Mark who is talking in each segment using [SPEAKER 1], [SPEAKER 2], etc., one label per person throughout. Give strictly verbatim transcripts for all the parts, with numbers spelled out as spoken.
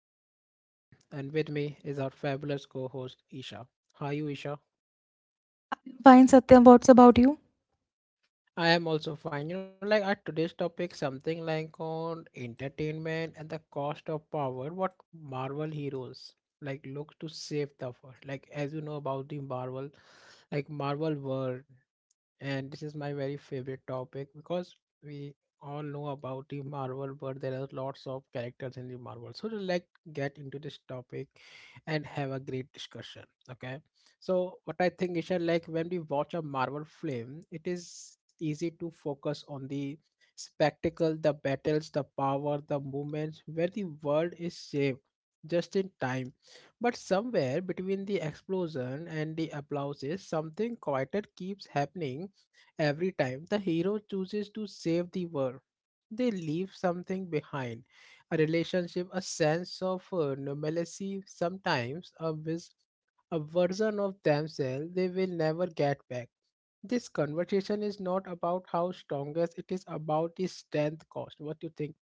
[SPEAKER 1] I am your host Satyam and with me is our fabulous co-host Isha. How are you Isha?
[SPEAKER 2] Fine, Satyam, what's about you?
[SPEAKER 1] I am also fine. You know, like, our today's topic something like on entertainment and the cost of power. What Marvel heroes like look to save the world. Like as you know about the Marvel like Marvel world, and this is my very favorite topic because we all know about the Marvel, but there are lots of characters in the Marvel. So let's get into this topic and have a great discussion. Okay. So what I think is that, like, when we watch a Marvel film, it is easy to focus on the spectacle, the battles, the power, the movements where the world is saved just in time, but somewhere between the explosion and the applauses, something quieter keeps happening every time the hero chooses to save the world. They leave something behind, a relationship, a sense of uh, normalcy, sometimes a, vis- a version of themselves they will never get back. This conversation is not about how strongest, it is about the strength cost. What do you think?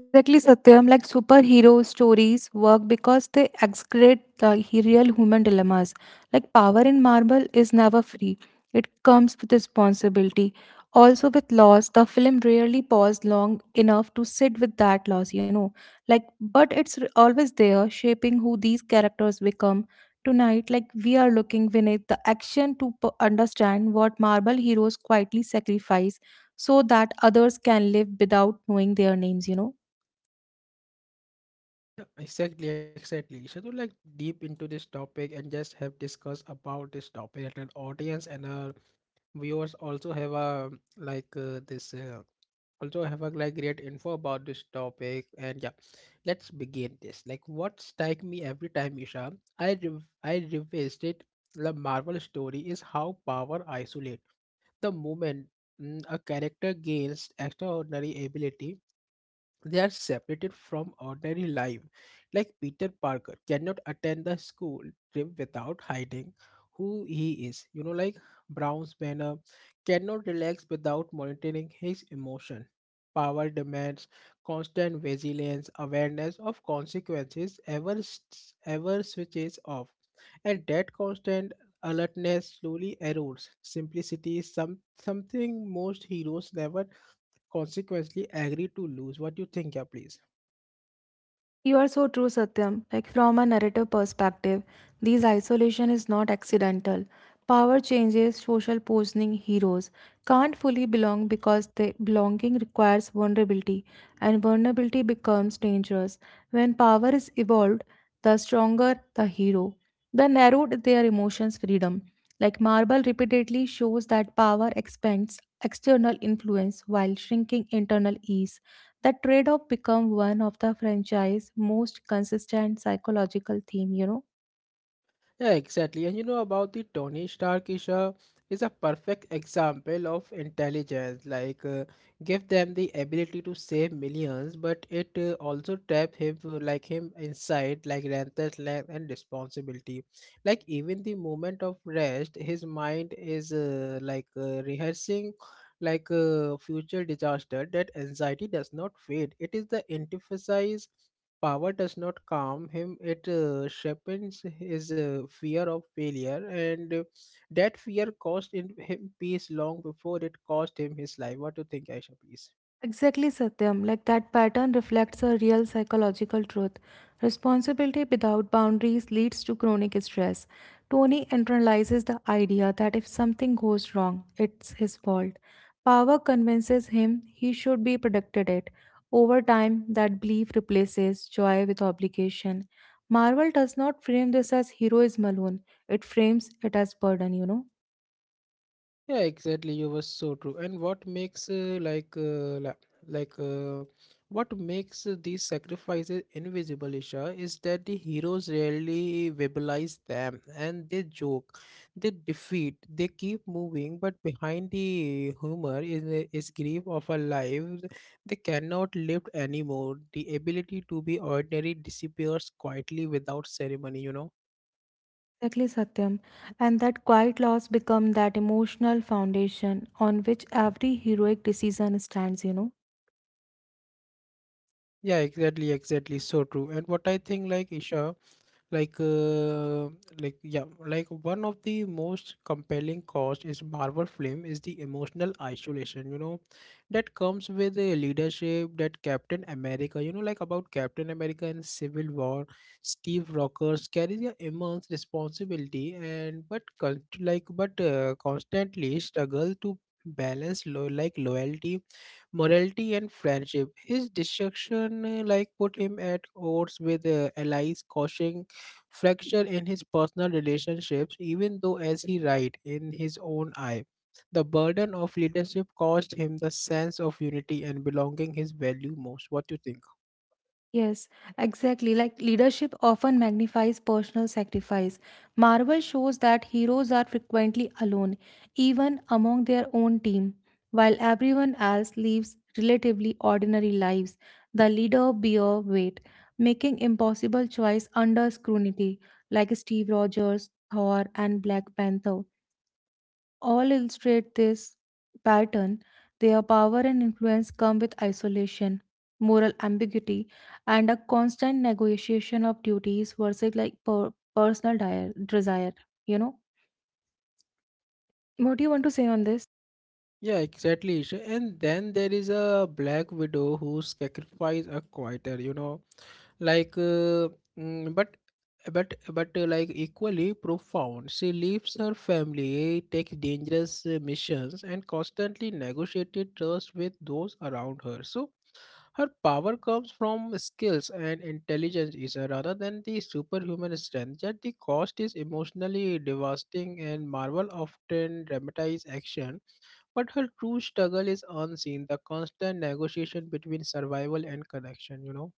[SPEAKER 2] Exactly, Satyam. Like superhero stories work because they excrete the he- real human dilemmas. Like power in Marvel is never free, it comes with responsibility. Also, with loss, the film rarely paused long enough to sit with that loss, you know. Like, but it's r- always there, shaping who these characters become. Tonight, like, we are looking beneath the action to p- understand what Marvel heroes quietly sacrifice so that others can live without knowing their names, you know.
[SPEAKER 1] Yeah, exactly, exactly. Should we like deep into this topic and just have discuss about this topic that an audience and our viewers also have a like uh, this uh, also have a like great info about this topic, and, yeah, let's begin this. Like, what strike me every time, Isha, i rev- i revisited the Marvel story is how power isolate. The moment mm, a character gains extraordinary ability, they are separated from ordinary life. Like Peter Parker cannot attend the school trip without hiding who he is. You know, like Brown's Banner cannot relax without monitoring his emotion. Power demands constant vigilance, awareness of consequences, ever, s- ever switches off. And that constant alertness slowly erodes simplicity, some, something most heroes never consequently agree to lose. What you think, yeah, please?
[SPEAKER 2] You are so true, Satyam. Like from a narrative perspective, this isolation is not accidental. Power changes, social poisoning heroes can't fully belong because they, belonging requires vulnerability, and vulnerability becomes dangerous. When power is evolved, the stronger the hero. The narrowed their emotions freedom. Like Marble repeatedly shows that power expands external influence while shrinking internal ease. The trade-off become one of the franchise most consistent psychological theme, you know.
[SPEAKER 1] Yeah, exactly. And you know about the Tony Stark is a, is a perfect example of intelligence. Like, uh, give them the ability to save millions, but it uh, also trap him uh, like him inside, like, restlessness and responsibility. Like even the moment of rest, his mind is uh, like uh, rehearsing like uh, future disaster. That anxiety does not fade. It is the antithesis. Power does not calm him, it uh, sharpens his uh, fear of failure, and uh, that fear cost in him peace long before it cost him his life. What do you think, Aisha, please?
[SPEAKER 2] Exactly, Satyam. Like that pattern reflects a real psychological truth. Responsibility without boundaries leads to chronic stress. Tony internalizes the idea that if something goes wrong, it's his fault. Power convinces him he should be protected it. Over time, that belief replaces joy with obligation. Marvel does not frame this as heroism alone, it frames it as burden, you know.
[SPEAKER 1] Yeah, exactly. You were so true. And what makes uh, like uh, la- like uh, what makes uh, these sacrifices invisible, Isha, is that the heroes rarely verbalize them, and they joke, they defeat, they keep moving, but behind the humor is a- is grief of a life they cannot live anymore. The ability to be ordinary disappears quietly without ceremony. You know.
[SPEAKER 2] Exactly, Satyam. And that quiet loss become that emotional foundation on which every heroic decision stands, you know.
[SPEAKER 1] Yeah, exactly, exactly. So true. And what I think, like, Isha, like uh, like, yeah, like one of the most compelling cause is Marvel film is the emotional isolation, you know, that comes with a leadership. That Captain America, you know, like, about Captain America and Civil War, Steve Rogers carries an immense responsibility, and but con- like but uh, constantly struggle to balance lo- like loyalty morality, and friendship. His destruction uh, like put him at odds with uh, allies, causing fracture in his personal relationships even though, as he writes in his own eye, the burden of leadership caused him the sense of unity and belonging his value most. What do you think?
[SPEAKER 2] Yes, exactly. Like leadership often magnifies personal sacrifice. Marvel shows that heroes are frequently alone, even among their own team. While everyone else lives relatively ordinary lives, the leader bear weight, making impossible choice under scrutiny, like Steve Rogers, Thor, and Black Panther all illustrate this pattern. Their power and influence come with isolation, moral ambiguity, and a constant negotiation of duties versus like per- personal dire- desire. You know, what do you want to say on this?
[SPEAKER 1] Yeah, exactly, Isha. And then there is a Black Widow who sacrifice a quieter, you know, like uh, mm, but but but uh, like equally profound. She leaves her family, takes dangerous uh, missions, and constantly negotiated trust with those around her. So her power comes from skills and intelligence is uh, rather than the superhuman strength, yet the cost is emotionally devastating, and Marvel often dramatizes action, but her true struggle is unseen, the constant negotiation between survival and connection, you know.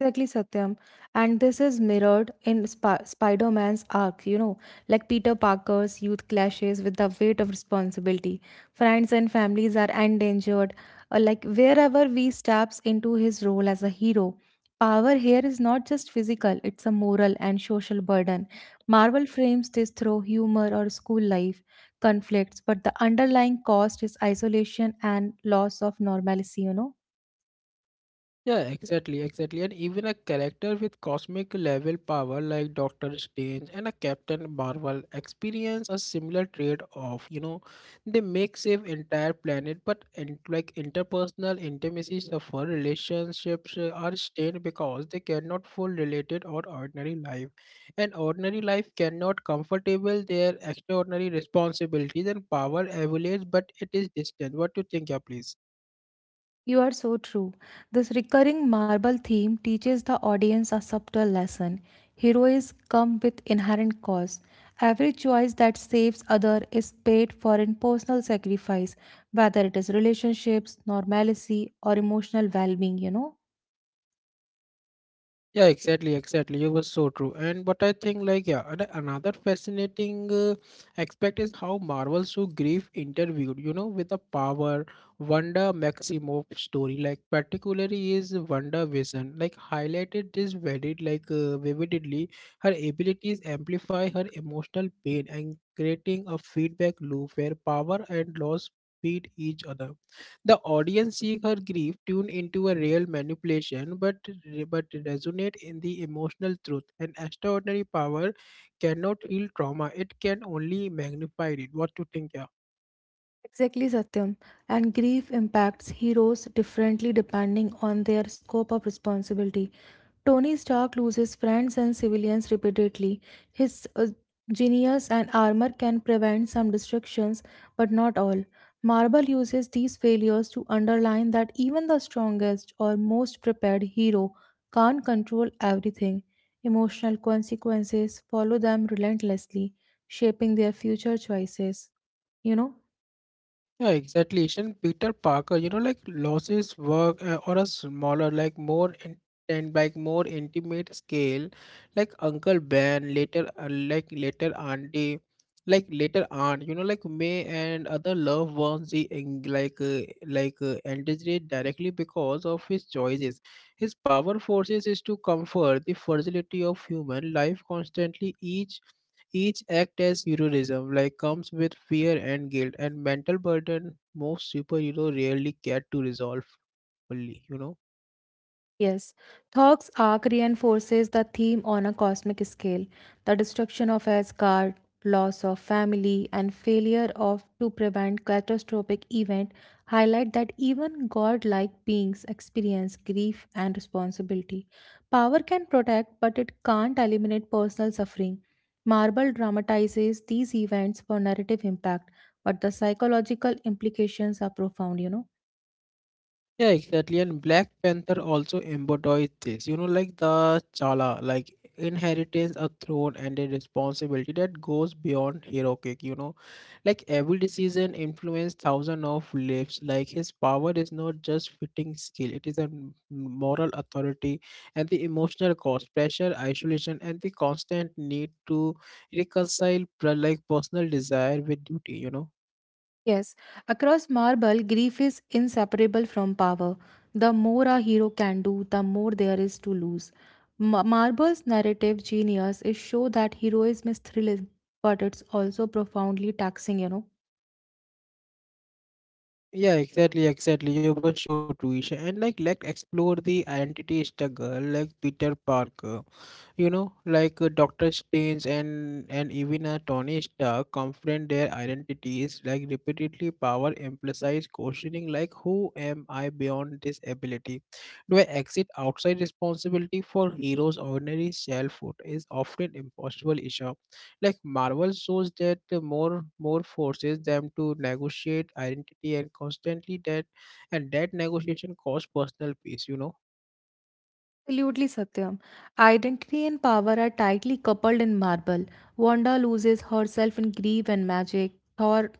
[SPEAKER 2] Exactly, Satyam. And this is mirrored in Sp- Spider Man's arc, you know, like Peter Parker's youth clashes with the weight of responsibility. Friends and families are endangered. Uh, like, wherever we steps into his role as a hero, power here is not just physical, it's a moral and social burden. Marvel frames this through humor or school life conflicts, but the underlying cost is isolation and loss of normalcy, you know.
[SPEAKER 1] Yeah, exactly, exactly. And even a character with cosmic level power like Doctor Strange and a Captain Marvel experience a similar trade off. You know, they make save entire planet, but, in, like, interpersonal intimacy suffer, relationships uh, are strained because they cannot full related or ordinary life. And ordinary life cannot comfortable their extraordinary responsibilities, and power evaluates, but it is distant. What do you think, yeah, please?
[SPEAKER 2] You are so true. This recurring marble theme teaches the audience a subtle lesson. Heroes come with inherent costs. Every choice that saves other is paid for in personal sacrifice, whether it is relationships, normalcy, or emotional well-being, you know.
[SPEAKER 1] Yeah, exactly, exactly. You were so true. And but I think, like, yeah, and another fascinating uh, aspect is how Marvel so grief interviewed. You know, with the power, Wanda Maximoff story, like, particularly is Wanda Vision, like, highlighted this very like uh, vividly. Her abilities amplify her emotional pain and creating a feedback loop where power and loss feed each other. The audience sees her grief tuned into a real manipulation, but but resonate in the emotional truth. An extraordinary power cannot heal trauma; it can only magnify it. What to think, yeah?
[SPEAKER 2] Exactly, Satyam. And grief impacts heroes differently depending on their scope of responsibility. Tony Stark loses friends and civilians repeatedly. His uh, genius and armor can prevent some destructions, but not all. Marvel uses these failures to underline that even the strongest or most prepared hero can't control everything. Emotional consequences follow them relentlessly, shaping their future choices. You know?
[SPEAKER 1] Yeah, exactly. And Peter Parker, you know, like, losses work uh, on a smaller, like, more in, and like more intimate scale, like Uncle Ben, later, uh, like later Auntie, like later Aunt, you know, like May and other loved ones, he en- like uh, like uh, endangered directly because of his choices. His power forces is to comfort the fragility of human life constantly. Each each act as heroism like comes with fear and guilt and mental burden most superhero rarely get to resolve fully, you know.
[SPEAKER 2] Yes, Thog's arc reinforces the theme on a cosmic scale, the destruction of Asgard, loss of family, and failure of to prevent catastrophic event highlight that even godlike beings experience grief and responsibility. Power can protect, but it can't eliminate personal suffering. Marvel dramatizes these events for narrative impact, but the psychological implications are profound, you know.
[SPEAKER 1] Yeah, exactly. And Black Panther also embodies this. You know, like the Chala, like, inheritance, a throne, and a responsibility that goes beyond heroic. You know, like every decision influences thousands of lives. Like his power is not just fitting skill; it is a m- moral authority, and the emotional cost, pressure, isolation, and the constant need to reconcile, per- like personal desire with duty. You know.
[SPEAKER 2] Yes, across Marble, grief is inseparable from power. The more a hero can do, the more there is to lose. Ma- Marble's narrative genius is show that heroism is thrilling, but it's also profoundly taxing, you know.
[SPEAKER 1] Yeah, exactly, exactly. You were so Tuisha. And like let's explore the identity struggle, like Peter Parker. You know, like, uh, Doctor Strange, and and even, uh, Tony Stark confront their identities, like, repeatedly. Power implies questioning, like, who am I beyond this ability? Do I exit outside responsibility for heroes? Ordinary selfhood is often impossible issue. Like Marvel shows that the more more forces them to negotiate identity, and constantly, that and that negotiation costs personal peace, you know.
[SPEAKER 2] Absolutely, Satyam. Identity and power are tightly coupled in Marvel. Wanda loses herself in grief and magic. Thor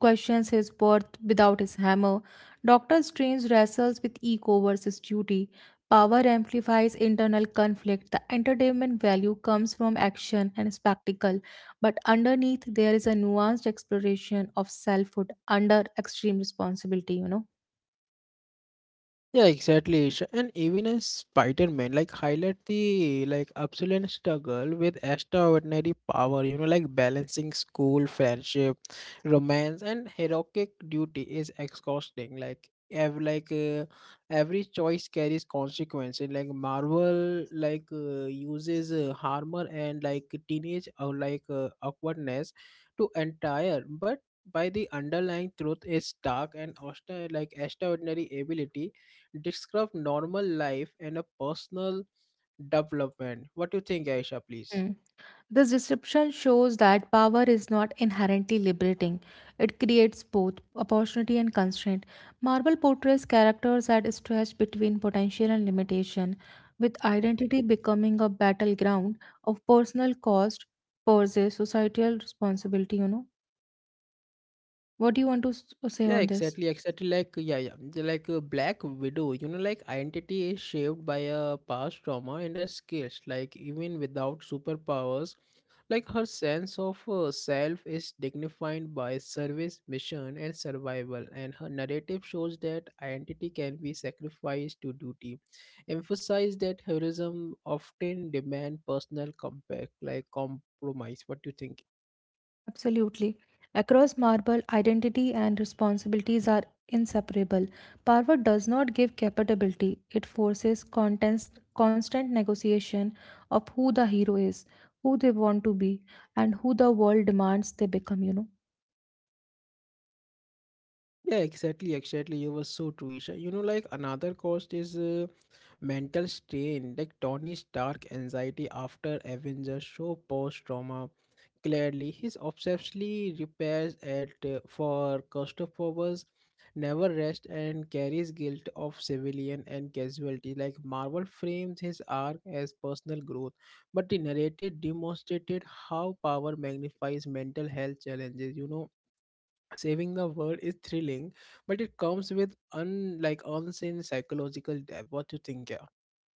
[SPEAKER 2] questions his worth without his hammer. Doctor Strange wrestles with ego versus duty. Power amplifies internal conflict. The entertainment value comes from action and spectacle, but underneath there is a nuanced exploration of selfhood under extreme responsibility, you know.
[SPEAKER 1] Yeah, exactly. Sh- And even as Spider-Man, like, highlight the, like, absolute struggle with extraordinary power, you know, like balancing school, friendship, romance, and heroic duty is exhausting. Like ev- like uh, every choice carries consequences. Like Marvel, like, uh, uses uh, humor and, like, teenage or, like uh, awkwardness to entire, but by the underlying truth is dark and austere, like extraordinary ability describe normal life and a personal development. What do you think, Aisha, please?
[SPEAKER 2] Hmm. This description shows that power is not inherently liberating. It creates both opportunity and constraint. Marvel portrays characters at stretch between potential and limitation, with identity becoming a battleground of personal cost versus societal responsibility, you know. What do you want to s- say
[SPEAKER 1] Yeah,
[SPEAKER 2] on this?
[SPEAKER 1] exactly, exactly. Like, yeah, yeah. the- Like a Black Widow, you know, like, identity is shaped by a past trauma and her skills. Like, even without superpowers, like, her sense of uh, self is dignified by service, mission, and survival. And her narrative shows that identity can be sacrificed to duty. Emphasize that heroism often demand personal compact, like, compromise. What do you think?
[SPEAKER 2] Absolutely. Across Marble, identity and responsibilities are inseparable. Power does not give capability, it forces contest, constant negotiation of who the hero is, who they want to be, and who the world demands they become, you know.
[SPEAKER 1] Yeah, exactly, exactly. You were so true, Isha. You know, like, another cost is uh, mental strain, like Tony Stark anxiety after Avengers show post trauma. Clearly, his obsessively repairs at uh, for Costopovers never rest and carries guilt of civilian and casualty. Like Marvel frames his arc as personal growth, but the narrative demonstrated how power magnifies mental health challenges. You know, saving the world is thrilling, but it comes with un like unseen psychological depth. What you think, yeah?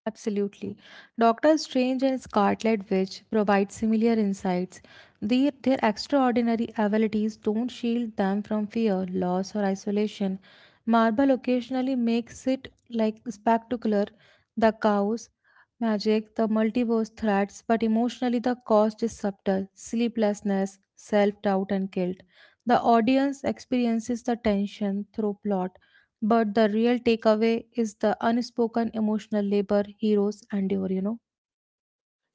[SPEAKER 2] Absolutely. Doctor Strange and Scarlet Witch provide similar insights. Their, their extraordinary abilities don't shield them from fear, loss, or isolation. Marvel occasionally makes it like spectacular, the chaos, magic, the multiverse threats, but emotionally the cost is subtle sleeplessness, self doubt, and guilt. The audience experiences the tension through plot, but the real takeaway is the unspoken emotional labor heroes endure, you know.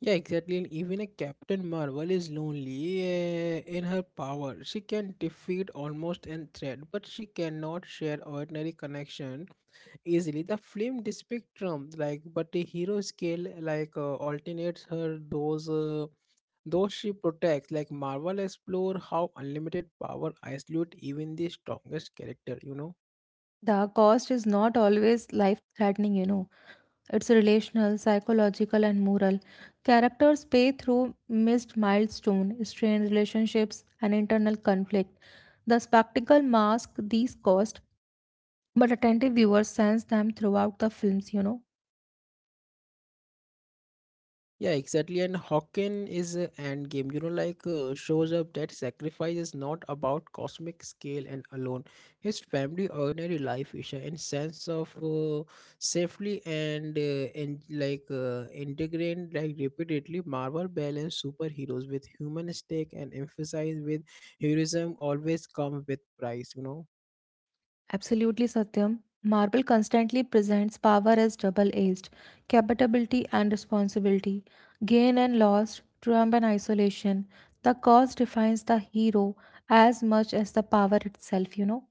[SPEAKER 1] Yeah, exactly. And even a Captain Marvel is lonely. Eh, in her power, she can defeat almost any threat, but she cannot share ordinary connection easily. The film, the spectrum, like, but the hero scale, like uh, alternates her, those uh, those she protects. Like, Marvel explore how unlimited power isolate even the strongest character, you know.
[SPEAKER 2] The cost is not always life threatening, you know. It's relational, psychological, and moral. Characters pay through missed milestone, strained relationships, and internal conflict. The spectacle masks these costs, but attentive viewers sense them throughout the films, you know.
[SPEAKER 1] Yeah, exactly. And Hawken is a end game. You know, like, uh, shows up that sacrifice is not about cosmic scale and alone. His family, ordinary life, Isha, and sense of uh, safely, and uh, and like uh, integrate, like, repeatedly. Marvel balance superheroes with human stake and emphasize with heroism always come with price. You know.
[SPEAKER 2] Absolutely, Satyam. Marble constantly presents power as double edged, capability and responsibility, gain and loss, triumph and isolation. The cause defines the hero as much as the power itself, you know.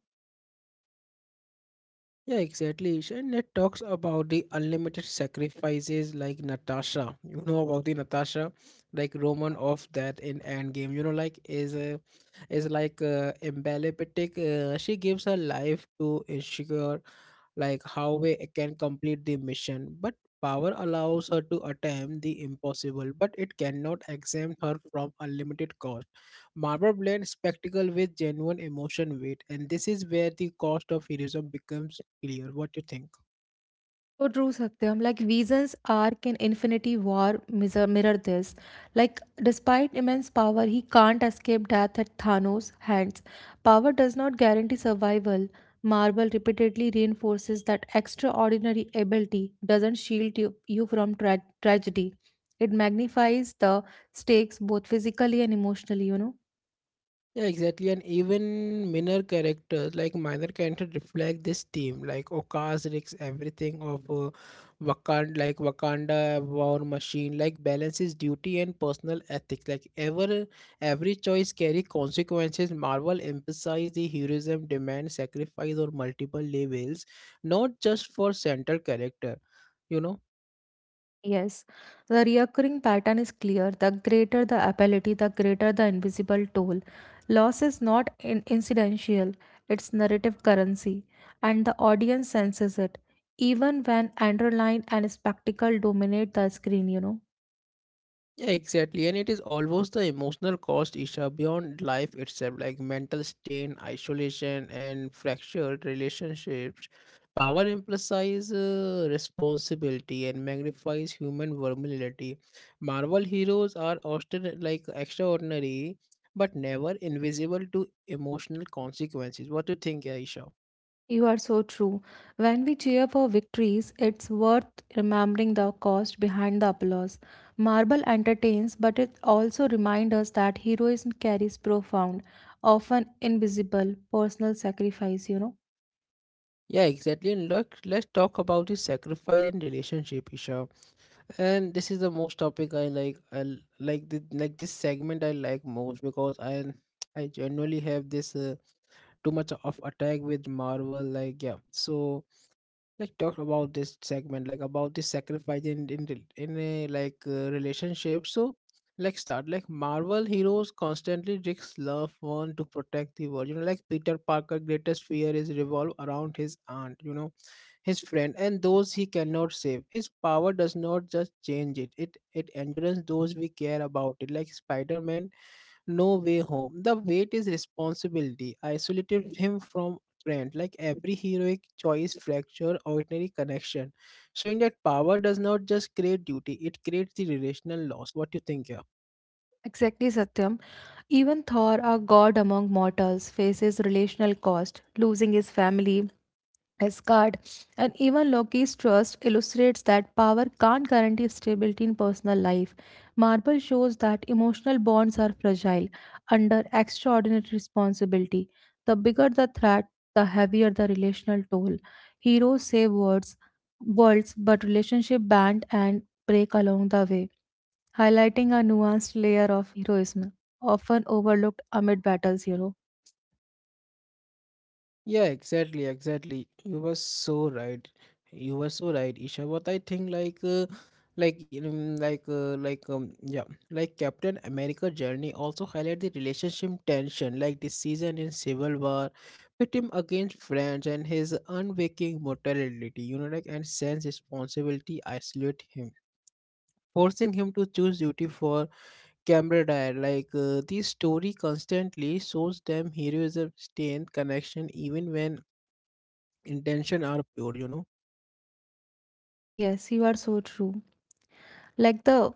[SPEAKER 1] Yeah, exactly, Isha. And it talks about the unlimited sacrifices, like Natasha. You know about the Natasha, like, Roman of that in Endgame. You know, like, is a is like uh, emblemetic. Uh, she gives her life to ensure like how we can complete the mission, but power allows her to attempt the impossible, but it cannot exempt her from unlimited cost. Marvel blends spectacle with genuine emotion weight, and this is where the cost of heroism becomes clear. What do you think?
[SPEAKER 2] So true, Satyam. Like Vision's arc in Infinity War mirror, mirror this. Like, despite immense power, he can't escape death at Thanos' hands. Power does not guarantee survival. Marvel repeatedly reinforces that extraordinary ability doesn't shield you, you from tra- tragedy. It magnifies the stakes both physically and emotionally, you know.
[SPEAKER 1] Yeah, exactly. And even minor characters, like minor characters, reflect this theme. Like Okaz risks everything of uh, Wakanda, like Wakanda war machine, like balances duty and personal ethics. Like ever, every choice carry consequences. Marvel emphasizes the heroism, demand sacrifice or multiple levels, not just for central character. You know.
[SPEAKER 2] Yes, the recurring pattern is clear. The greater the ability, the greater the invisible toll. Loss is not in- incidental, it's narrative currency, and the audience senses it, even when underline and spectacle dominate the screen, you know.
[SPEAKER 1] Yeah, exactly. And it is almost the emotional cost, Isha, beyond life itself, like mental strain, isolation, and fractured relationships. Power emphasizes uh, responsibility and magnifies human vulnerability. Marvel heroes are often uh, like extraordinary, but never invisible to emotional consequences. What do you think, Isha?
[SPEAKER 2] You are so true. When we cheer for victories, it's worth remembering the cost behind the applause. Marble entertains, but it also reminds us that heroism carries profound, often invisible, personal sacrifice, you know.
[SPEAKER 1] Yeah, exactly. And look, let's talk about the sacrifice in relationship, Isha. And this is the most topic I like. I l- like this like this segment I like most because i i generally have this uh, too much of attack with Marvel, like, yeah. So like talk about this segment, like about the sacrifice in in, rel- in a like uh, relationship. So like start, like Marvel heroes constantly risk love one to protect the world, you know. Like Peter Parker greatest fear is revolve around his aunt, you know, his friend and those he cannot save. His power does not just change it, it it endures those we care about it. Like Spider-Man, No Way Home. The weight is responsibility. Isolated him from friend. Like every heroic choice fracture ordinary connection. Showing that power does not just create duty, it creates the relational loss. What do you think here?
[SPEAKER 2] Exactly, Satyam. Even Thor, a god among mortals, faces relational cost, losing his family, Asgard, and even Loki's trust illustrates that power can't guarantee stability in personal life. Marble shows that emotional bonds are fragile under extraordinary responsibility. The bigger the threat, the heavier the relational toll. Heroes save words, worlds, but relationship band and break along the way, highlighting a nuanced layer of heroism, often overlooked amid battles. Hero,
[SPEAKER 1] Yeah, exactly, exactly. You were so right. You were so right, Isha. What I think, like, uh, like, um, like, uh, like, um, yeah, like Captain America journey also highlight the relationship tension, like the season in Civil War, with him against friends and his unwaking mortality. You know, like, and sense responsibility isolate him, forcing him to choose duty for camaraderie. Like, uh, the story constantly shows them heroism, strength, connection, even when intention are pure, you know.
[SPEAKER 2] yes, you are so true. Like the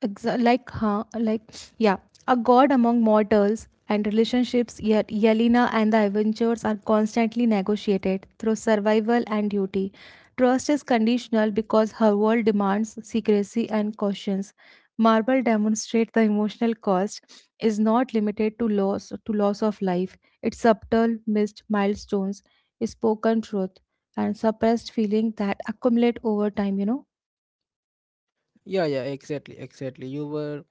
[SPEAKER 2] Exa- like huh like yeah A god among mortals and relationships, yet Yelena and the Avengers are constantly negotiated through survival and duty. Trust is conditional because her world demands secrecy and cautions. Marble demonstrates the emotional cost is not limited to loss to loss of life. It's subtle missed milestones, spoken truth, and suppressed feeling that accumulate over time, you know.
[SPEAKER 1] Yeah, yeah, exactly, exactly. you were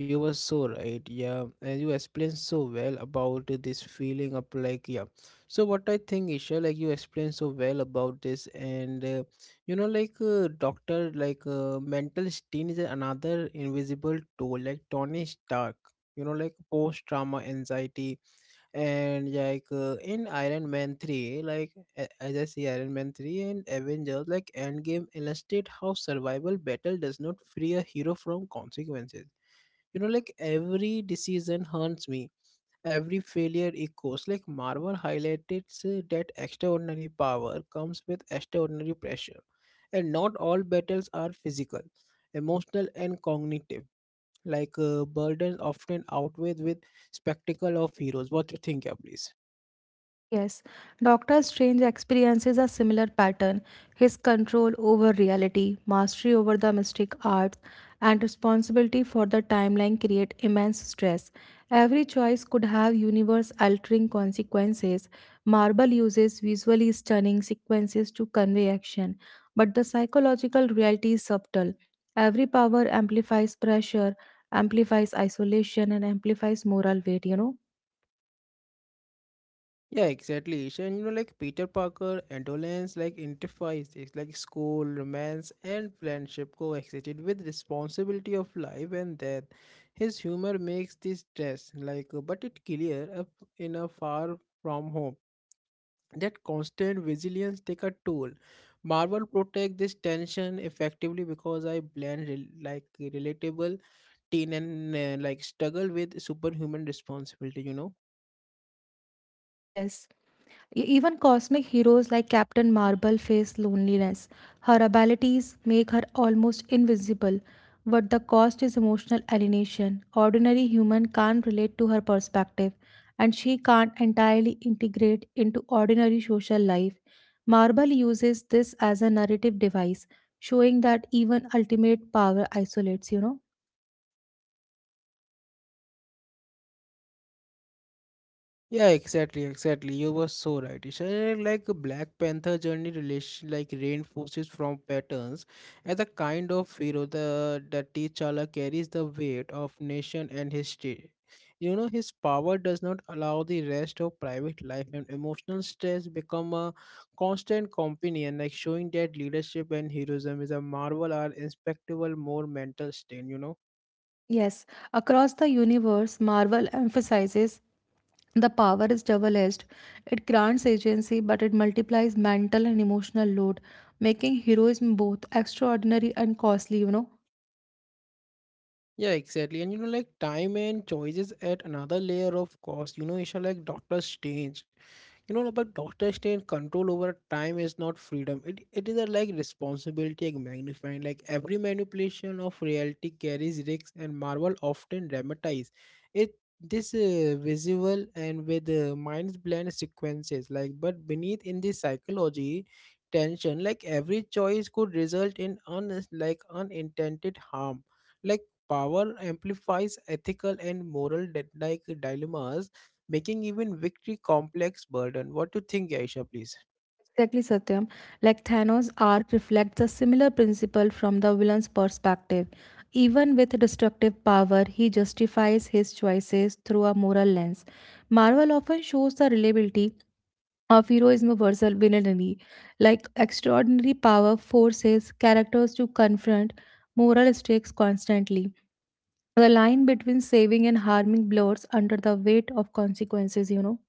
[SPEAKER 1] you were so right. Yeah, and you explained so well about this feeling of, like, yeah. So what I think, Isha, like you explained so well about this. And uh, you know, like uh, doctor, like uh, mental strain is another invisible tool, like Tony Stark, you know, like post trauma anxiety. And like uh, in Iron Man three, like a- as I see Iron Man three and Avengers, like Endgame, illustrate how survival battle does not free a hero from consequences, you know. Like every decision haunts me, every failure echoes, like Marvel highlighted uh, that extraordinary power comes with extraordinary pressure, and not all battles are physical, emotional and cognitive, like uh, burdens often outweighed with spectacle of heroes. What do you think? Yeah, please.
[SPEAKER 2] Yes, doctor Strange experiences a similar pattern, his control over reality, mastery over the mystic arts, and responsibility for the timeline create immense stress. Every choice could have universe altering consequences. Marvel uses visually stunning sequences to convey action, but the psychological reality is subtle. Every power amplifies pressure, amplifies isolation, and amplifies moral weight, you know?
[SPEAKER 1] Yeah, exactly. Isha. And you know, like Peter Parker, Endolence like identifies this, like school, romance, and friendship coexisted with responsibility of life and death. His humor makes this stress, like, uh, but it clear up in a Far From Home. That constant vigilance take a toll. Marvel protect this tension effectively because I blend rel- like relatable teen and uh, like struggle with superhuman responsibility. You know.
[SPEAKER 2] Yes. E- Even cosmic heroes like Captain Marvel face loneliness. Her abilities make her almost invisible, but the cost is emotional alienation. Ordinary human can't relate to her perspective, and she can't entirely integrate into ordinary social life. Marvel uses this as a narrative device, showing that even ultimate power isolates, you know.
[SPEAKER 1] Yeah, exactly, exactly. You were so right. It's uh, like a Black Panther journey relation, like reinforces from patterns as a kind of hero, the that T'Challa carries the weight of nation and history. You know, his power does not allow the rest of private life, and emotional stress become a constant companion, like showing that leadership and heroism is a Marvel are inspectable more mental stain, you know.
[SPEAKER 2] Yes, across the universe, Marvel emphasizes the power is double edged. It grants agency, but it multiplies mental and emotional load, making heroism both extraordinary and costly, you know.
[SPEAKER 1] Yeah, exactly. And you know, like time and choices add another layer of cost. You know, Isha, like doctors change, you know, but doctors stay control over time is not freedom, it, it is a like responsibility, like magnifying, like every manipulation of reality carries risks, and Marvel often dramatize it. This uh, visual and with uh, mind's blend sequences, like but beneath in the psychology tension, like every choice could result in un like unintended harm, like power amplifies ethical and moral di- like dilemmas, making even victory complex burden. What do you think, Aisha, please?
[SPEAKER 2] Exactly, Satyam. Like Thanos' arc reflects a similar principle from the villain's perspective. Even with destructive power, he justifies his choices through a moral lens. Marvel often shows the reliability of heroism versus villainy, like extraordinary power forces characters to confront moral stakes constantly. The line between saving and harming blurs under the weight of consequences, you know.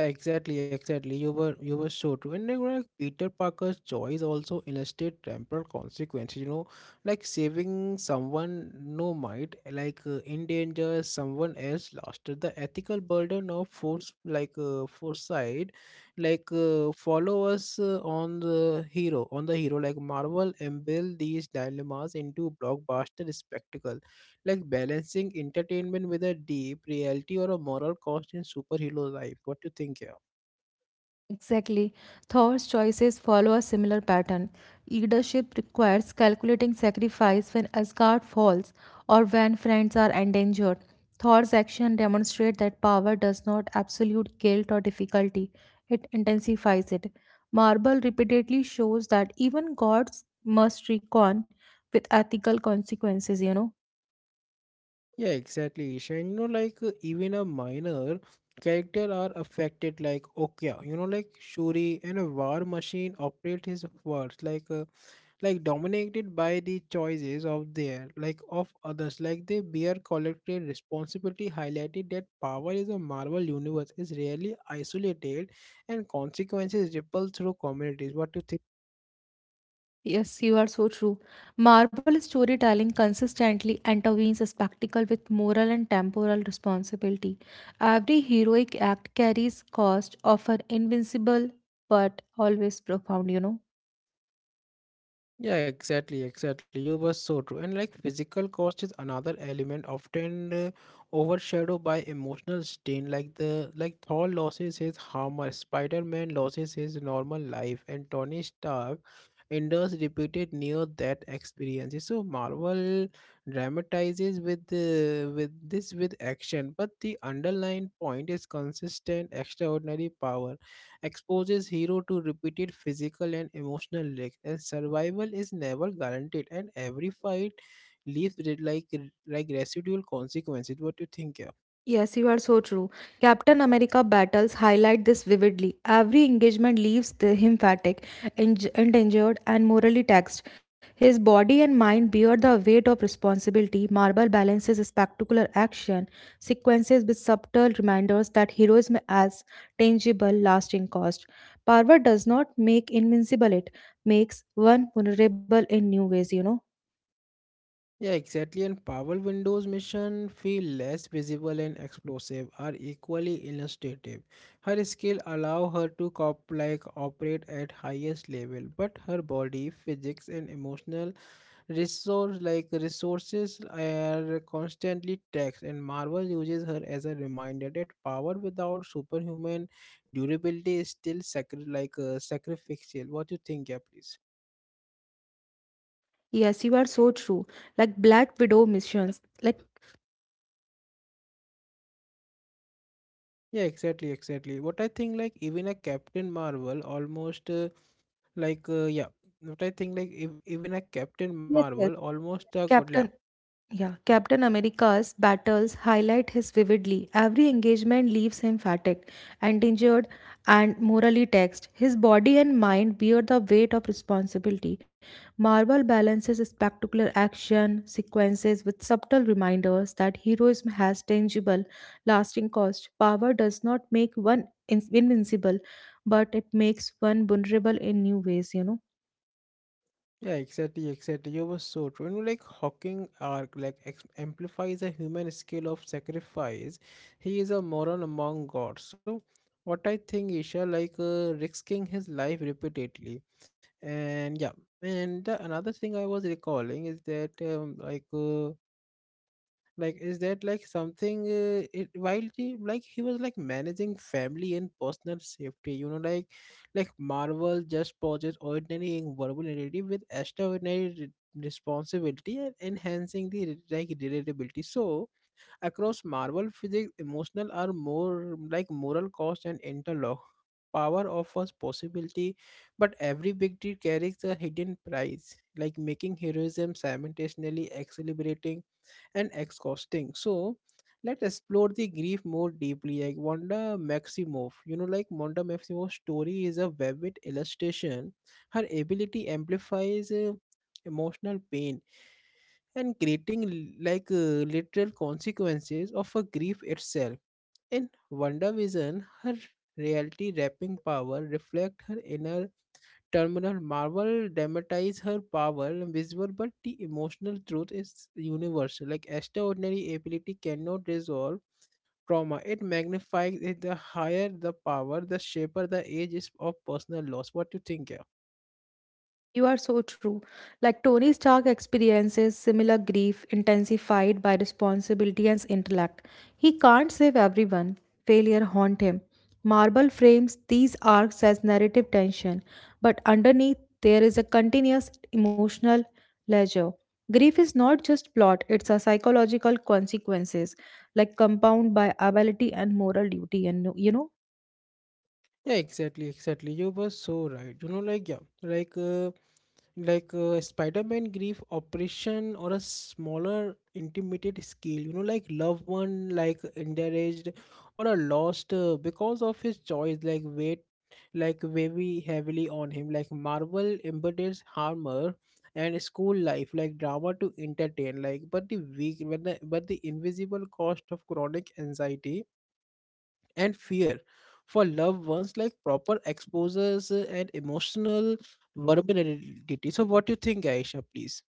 [SPEAKER 1] Yeah, exactly, exactly. You were you were so true. And you know, like Peter Parker's joys also illustrate temporal consequences. You know, like saving someone no might like uh, endanger someone else lost. The ethical burden of force, like uh, foresight, like uh, followers uh, on the hero, on the hero like Marvel embed these dilemmas into blockbuster spectacle, like balancing entertainment with a deep reality or a moral cost in superhero life. What do you think here?
[SPEAKER 2] Exactly. Thor's choices follow a similar pattern. Leadership requires calculating sacrifice when Asgard falls or when friends are endangered. Thor's action demonstrate that power does not absolute guilt or difficulty. It intensifies it. Marble repeatedly shows that even gods must reckon with ethical consequences, you know.
[SPEAKER 1] Yeah, exactly. Isha. You know, like uh, even a minor character are affected. Like, okay, you know, like Shuri and a War Machine operate his words, like uh, like dominated by the choices of their, like of others. Like they bear collective responsibility. Highlighted that power is a Marvel universe is rarely isolated, and consequences ripple through communities. What do you think?
[SPEAKER 2] Yes, you are so true. Marble storytelling consistently intervenes a spectacle with moral and temporal responsibility. Every heroic act carries cost, often invincible but always profound, you know.
[SPEAKER 1] Yeah, exactly, exactly. You were so true. And like physical cost is another element often uh, overshadowed by emotional strain. Like the like Thor loses his armor, Spider-Man loses his normal life, and Tony Stark endures repeated near-death experiences. So Marvel dramatizes with uh, with this, with action, but the underlying point is consistent. Extraordinary power exposes hero to repeated physical and emotional risks, and survival is never guaranteed, and every fight leaves re- like like residual consequences. What do you think? Yeah.
[SPEAKER 2] Yes, you are so true. Captain America battles highlight this vividly. Every engagement leaves the, him fatigued, eng- endangered, and morally taxed. His body and mind bear the weight of responsibility. Marvel balances spectacular action sequences with subtle reminders that heroism has tangible, lasting cost. Power does not make invincible; it makes one vulnerable in new ways. You know.
[SPEAKER 1] Yeah, exactly. And power windows mission feel less visible and explosive are equally illustrative. Her skill allow her to cop like operate at highest level, but her body physics and emotional resource like resources are constantly taxed, and Marvel uses her as a reminder that power without superhuman durability is still sacri- like uh, sacrificial. What you think? Yeah, please.
[SPEAKER 2] Yes, you are so true. Like Black Widow missions, like
[SPEAKER 1] Yeah, exactly, exactly. What I think, like, even a Captain Marvel almost uh, like, uh, yeah. What I think, like, if, even a Captain
[SPEAKER 2] Yes,
[SPEAKER 1] Marvel
[SPEAKER 2] yes.
[SPEAKER 1] almost a good.
[SPEAKER 2] Captain, yeah, Captain America's battles highlight his vividly. Every engagement leaves him fatigued and injured and morally taxed. His body and mind bear the weight of responsibility. Marvel balances spectacular action sequences with subtle reminders that heroism has tangible, lasting cost. Power does not make one in- invincible, but it makes one vulnerable in new ways, you know.
[SPEAKER 1] Yeah, exactly, exactly. You were so true. And like Hawking arc like ex- amplifies a human scale of sacrifice. He is a moron among gods. So what I think, Isha, like uh, risking his life repeatedly, and yeah, and the, another thing I was recalling is that um, like. Uh, like is that like something uh, it, while he like he was like managing family and personal safety, you know, like like Marvel just poses ordinary and vulnerability with extraordinary re- responsibility, and enhancing the re- like relatability. So across Marvel, physics, emotional are more like moral cost and interlock. Power offers possibility, but every victory carries a hidden price, like making heroism simultaneously exhilarating and exhausting. So let's explore the grief more deeply. Like Wanda Maximoff, you know, like Wanda Maximoff's story is a vivid illustration. Her ability amplifies uh, emotional pain, and creating l- like uh, literal consequences of a grief itself. In Wonder Vision, her reality wrapping power reflect her inner terminal. Marvel dramatize her power, visible, but the emotional truth is universal. Like extraordinary ability cannot resolve trauma. It magnifies it. The higher the power, the shaper the age is of personal loss. What you think? Yeah,
[SPEAKER 2] You are so true. Like Tony Stark experiences similar grief intensified by responsibility and intellect. He can't save everyone. Failure haunt him. Marvel frames these arcs as narrative tension, but underneath there is a continuous emotional ledger. Grief is not just plot, it's a psychological consequences like compound by ability and moral duty and you know.
[SPEAKER 1] yeah, exactly, exactly. You were so right. You know, like, yeah, like. Uh, like uh, Spider-Man grief operation or a smaller intimate scale, you know, like loved one like endaraged or a lost, uh, because of his choice, like weight like very heavily on him, like Marvel embodies armor and school life like drama to entertain, like but the weak, but the, but the invisible cost of chronic anxiety and fear for loved ones like proper exposures, uh, and emotional vulnerability. So what do you think, Aisha, please?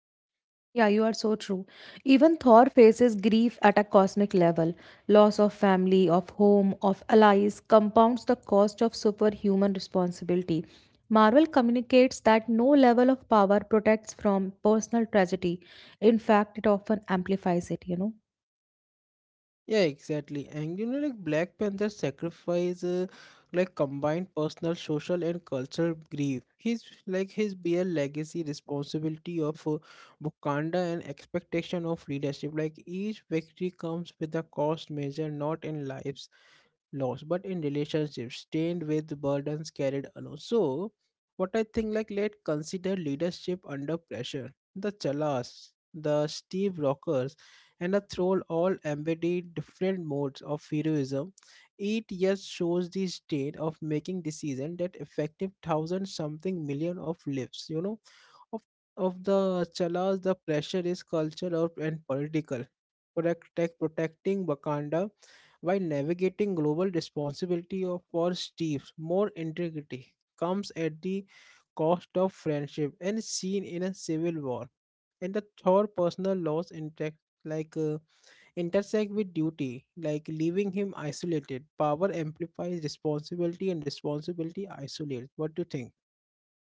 [SPEAKER 2] Yeah, you are so true. Even Thor faces grief at a cosmic level. Loss of family, of home, of allies compounds the cost of superhuman responsibility. Marvel communicates that no level of power protects from personal tragedy. In fact, it often amplifies it, you know.
[SPEAKER 1] Yeah, exactly. And you know, like Black Panther's sacrifice, uh, like combined personal, social, and cultural grief. His like his bare legacy, responsibility of uh, Wakanda, and expectation of leadership. Like each victory comes with a cost measure, not in lives lost, but in relationships stained with burdens carried alone. So what I think, like let consider leadership under pressure. The Chalas, the Steve Rockers, and a Troll all embodied different modes of heroism. It just shows the state of making decision that affected thousand something million of lives, you know, of of the Chalas. The pressure is cultural and political. Protect, protecting Wakanda while navigating global responsibility of- for Steve's more integrity comes at the cost of friendship and seen in a civil war, and the Thor personal loss intact, like uh, intersect with duty, like leaving him isolated. Power amplifies responsibility, and responsibility isolates. What do you think?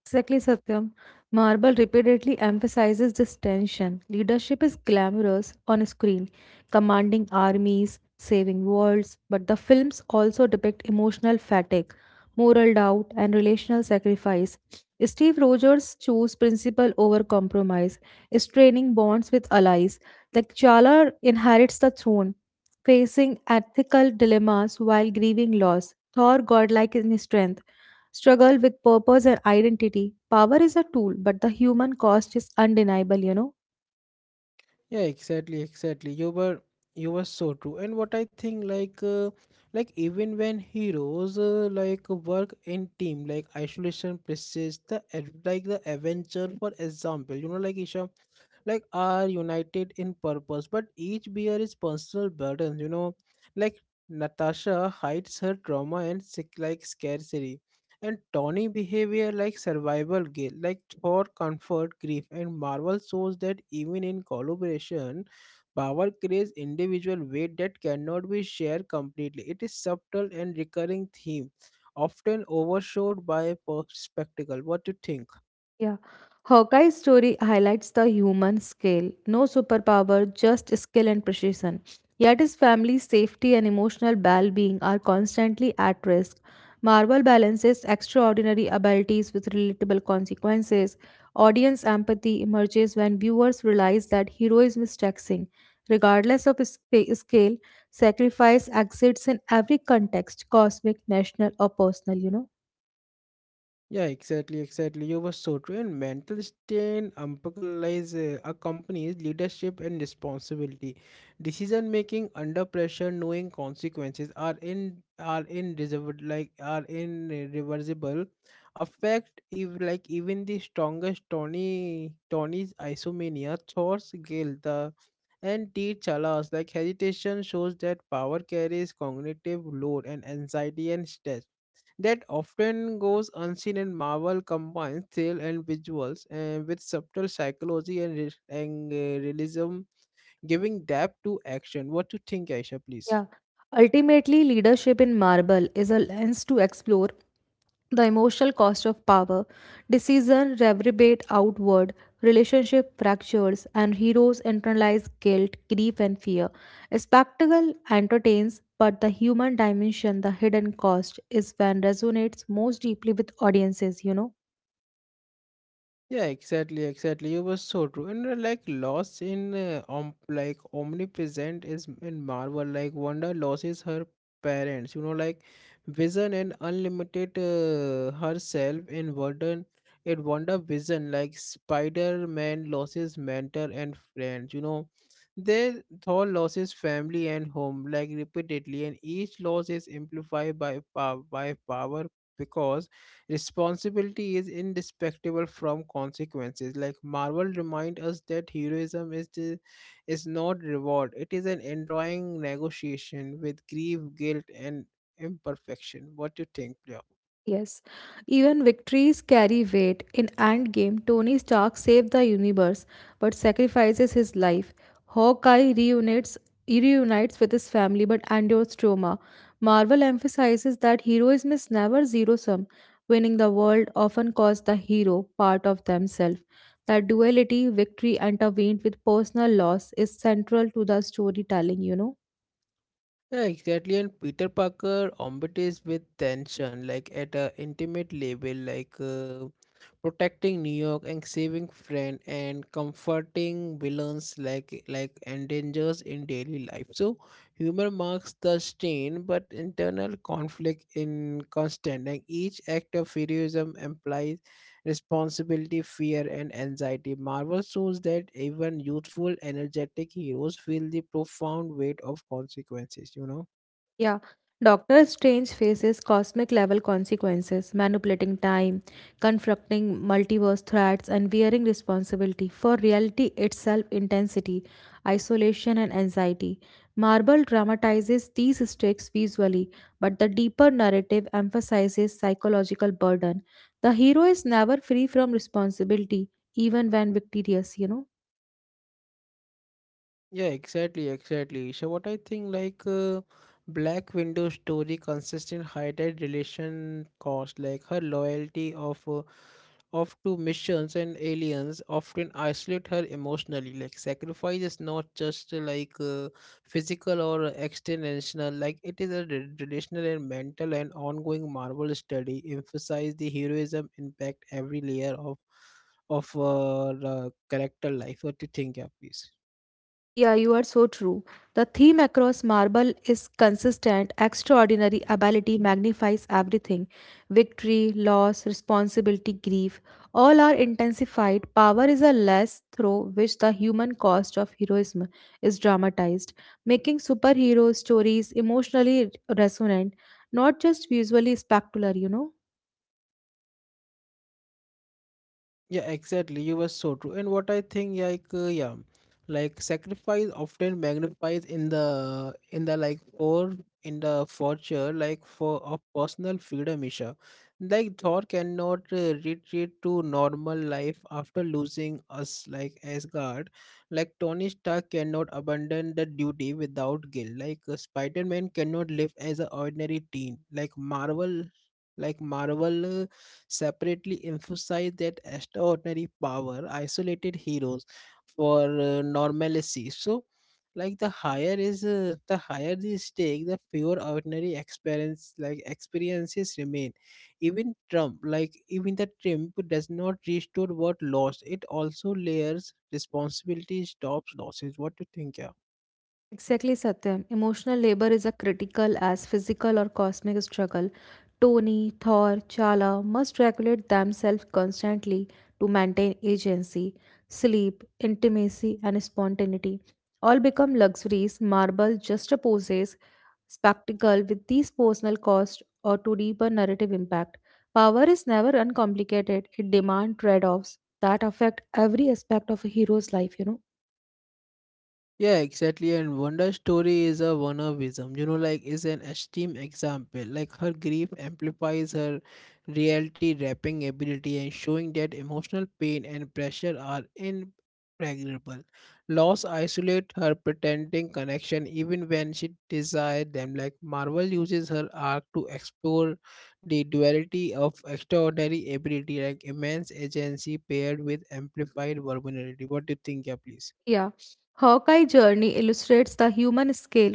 [SPEAKER 2] Exactly, Satyam. Marble repeatedly emphasizes this tension. Leadership is glamorous on screen, commanding armies, saving worlds, but the films also depict emotional fatigue, moral doubt, and relational sacrifice. Steve Rogers chose principle over compromise, straining bonds with allies. The Chala inherits the throne, facing ethical dilemmas while grieving loss. Thor, godlike in strength struggle with purpose and identity. Power is a tool, but the human cost is undeniable, you know.
[SPEAKER 1] Yeah, exactly, exactly. You were you were so true. And what I think, like, uh, like even when heroes uh, like work in team, like isolation persists. The ad- like the Avenger, for example, you know, like Isha, like are united in purpose, but each bear is personal burden. you know like natasha hides her trauma and sick like scarcity, and Tony behavior like survival guilt, like for comfort, grief, and Marvel shows that even in collaboration, power creates individual weight that cannot be shared completely. It is subtle and recurring theme, often overshadowed by a spectacle. What do you think?
[SPEAKER 2] Yeah. Hawkeye's story highlights the human scale. No superpower, just skill and precision. Yet his family's safety and emotional well being are constantly at risk. Marvel balances extraordinary abilities with relatable consequences. Audience empathy emerges when viewers realize that heroism is taxing. Regardless of sp- scale, sacrifice exists in every context cosmic, national, or personal, you know.
[SPEAKER 1] Yeah, exactly, exactly. You were so true. And mental strain umbilize uh, a leadership and responsibility. Decision making under pressure, knowing consequences are in are in reserved, like are in uh, reversible affect if like even the strongest Tony Tony's isomania, Thor's guilt, the and T chalas like hesitation shows that power carries cognitive load and anxiety and stress that often goes unseen, and Marvel combines thrill and visuals and with subtle psychology and, re- and uh, realism, giving depth to action. What do you think, Aisha, please?
[SPEAKER 2] Yeah. Ultimately, leadership in marble is a lens to explore the emotional cost of power, decision reverberate outward, relationship fractures, and heroes internalize guilt, grief, and fear. A spectacle entertains, but the human dimension, the hidden cost, is when resonates most deeply with audiences, you know.
[SPEAKER 1] Yeah, exactly, exactly. You were so true. And uh, like loss in uh, om like omnipresent is in Marvel. Like Wanda loses her parents. You know, like Vision and unlimited uh, herself in Wonder in Wonder Vision. Like Spider-Man loses mentor and friends. You know, they Thor loses family and home. Like repeatedly, and each loss is amplified by pow by power because responsibility is indestructible from consequences. Like Marvel remind us that heroism is the, is not reward. It is an enduring negotiation with grief, guilt, and imperfection. What do you think, Priya?
[SPEAKER 2] Yes, even victories carry weight. In Endgame, Tony Stark saved the universe but sacrifices his life. Hawkeye reunites, reunites with his family but endures trauma. Marvel emphasizes that heroism is never zero sum. Winning the world often costs the hero part of themselves. That duality, victory intervened with personal loss, is central to the storytelling, you know.
[SPEAKER 1] Yeah, exactly. And Peter Parker ombuds with tension, like at a intimate level, like uh, protecting New York and saving friend and comforting villains, like like endangers in daily life. So humor marks the strain, but internal conflict in constant. And each act of heroism implies responsibility, fear, and anxiety. Marvel shows that even youthful, energetic heroes feel the profound weight of consequences, you know.
[SPEAKER 2] Yeah, Doctor Strange faces cosmic level consequences, manipulating time, confronting multiverse threats, and bearing responsibility for reality itself intensity, isolation, and anxiety. Marvel dramatizes these stakes visually, but the deeper narrative emphasizes psychological burden. The hero is never free from responsibility, even when victorious, you know.
[SPEAKER 1] Yeah, exactly, exactly. So what I think like uh, Black Widow story consistent highlight relation cost like her loyalty of uh, of to missions and aliens often isolate her emotionally. Like sacrifice is not just uh, like uh, physical or extensional. Like it is a re- relational and mental and ongoing Marvel study emphasize the heroism impact every layer of of uh, the character life. What do you think, yeah, please?
[SPEAKER 2] Yeah, you are so true. The theme across Marble is consistent, extraordinary ability magnifies everything. Victory, loss, responsibility, grief, all are intensified. Power is a less through which the human cost of heroism is dramatized, making superhero stories emotionally resonant, not just visually spectacular, you know.
[SPEAKER 1] Yeah, exactly. You were so true. And what I think, like, uh, yeah, like sacrifice often magnifies in the in the like or in the fortune, like for of personal freedom, Isha. Like Thor cannot uh, retreat to normal life after losing us, like Asgard. Like Tony Stark cannot abandon the duty without guilt. Like uh, Spider-Man cannot live as an ordinary teen. Like Marvel, like Marvel. Uh, separately emphasize that extraordinary power isolated heroes for uh, normalcy. So, like the higher is uh, the higher the stake, the fewer ordinary experience like experiences remain. Even Trump, like even the Trump, does not restore what lost. It also layers responsibility, stops losses. What do you think? Yeah.
[SPEAKER 2] Exactly, Satyam. Emotional labor is a critical as physical or cosmic struggle. Tony, Thor, Chala must regulate themselves constantly to maintain agency, sleep, intimacy, and spontaneity. All become luxuries. Marble juxtaposes spectacle with these personal costs or to deeper narrative impact. Power is never uncomplicated. It demands trade-offs that affect every aspect of a hero's life, you know.
[SPEAKER 1] Yeah, exactly. And Wonder's story is a one Wanavism, you know, like is an extreme example. Like her grief amplifies her reality wrapping ability and showing that emotional pain and pressure are impregnable. Loss isolate her pretending connection even when she desired them. Like Marvel uses her arc to explore the duality of extraordinary ability, like immense agency paired with amplified vulnerability. What do you think, yeah, please?
[SPEAKER 2] Yeah, Hawkeye's journey illustrates the human scale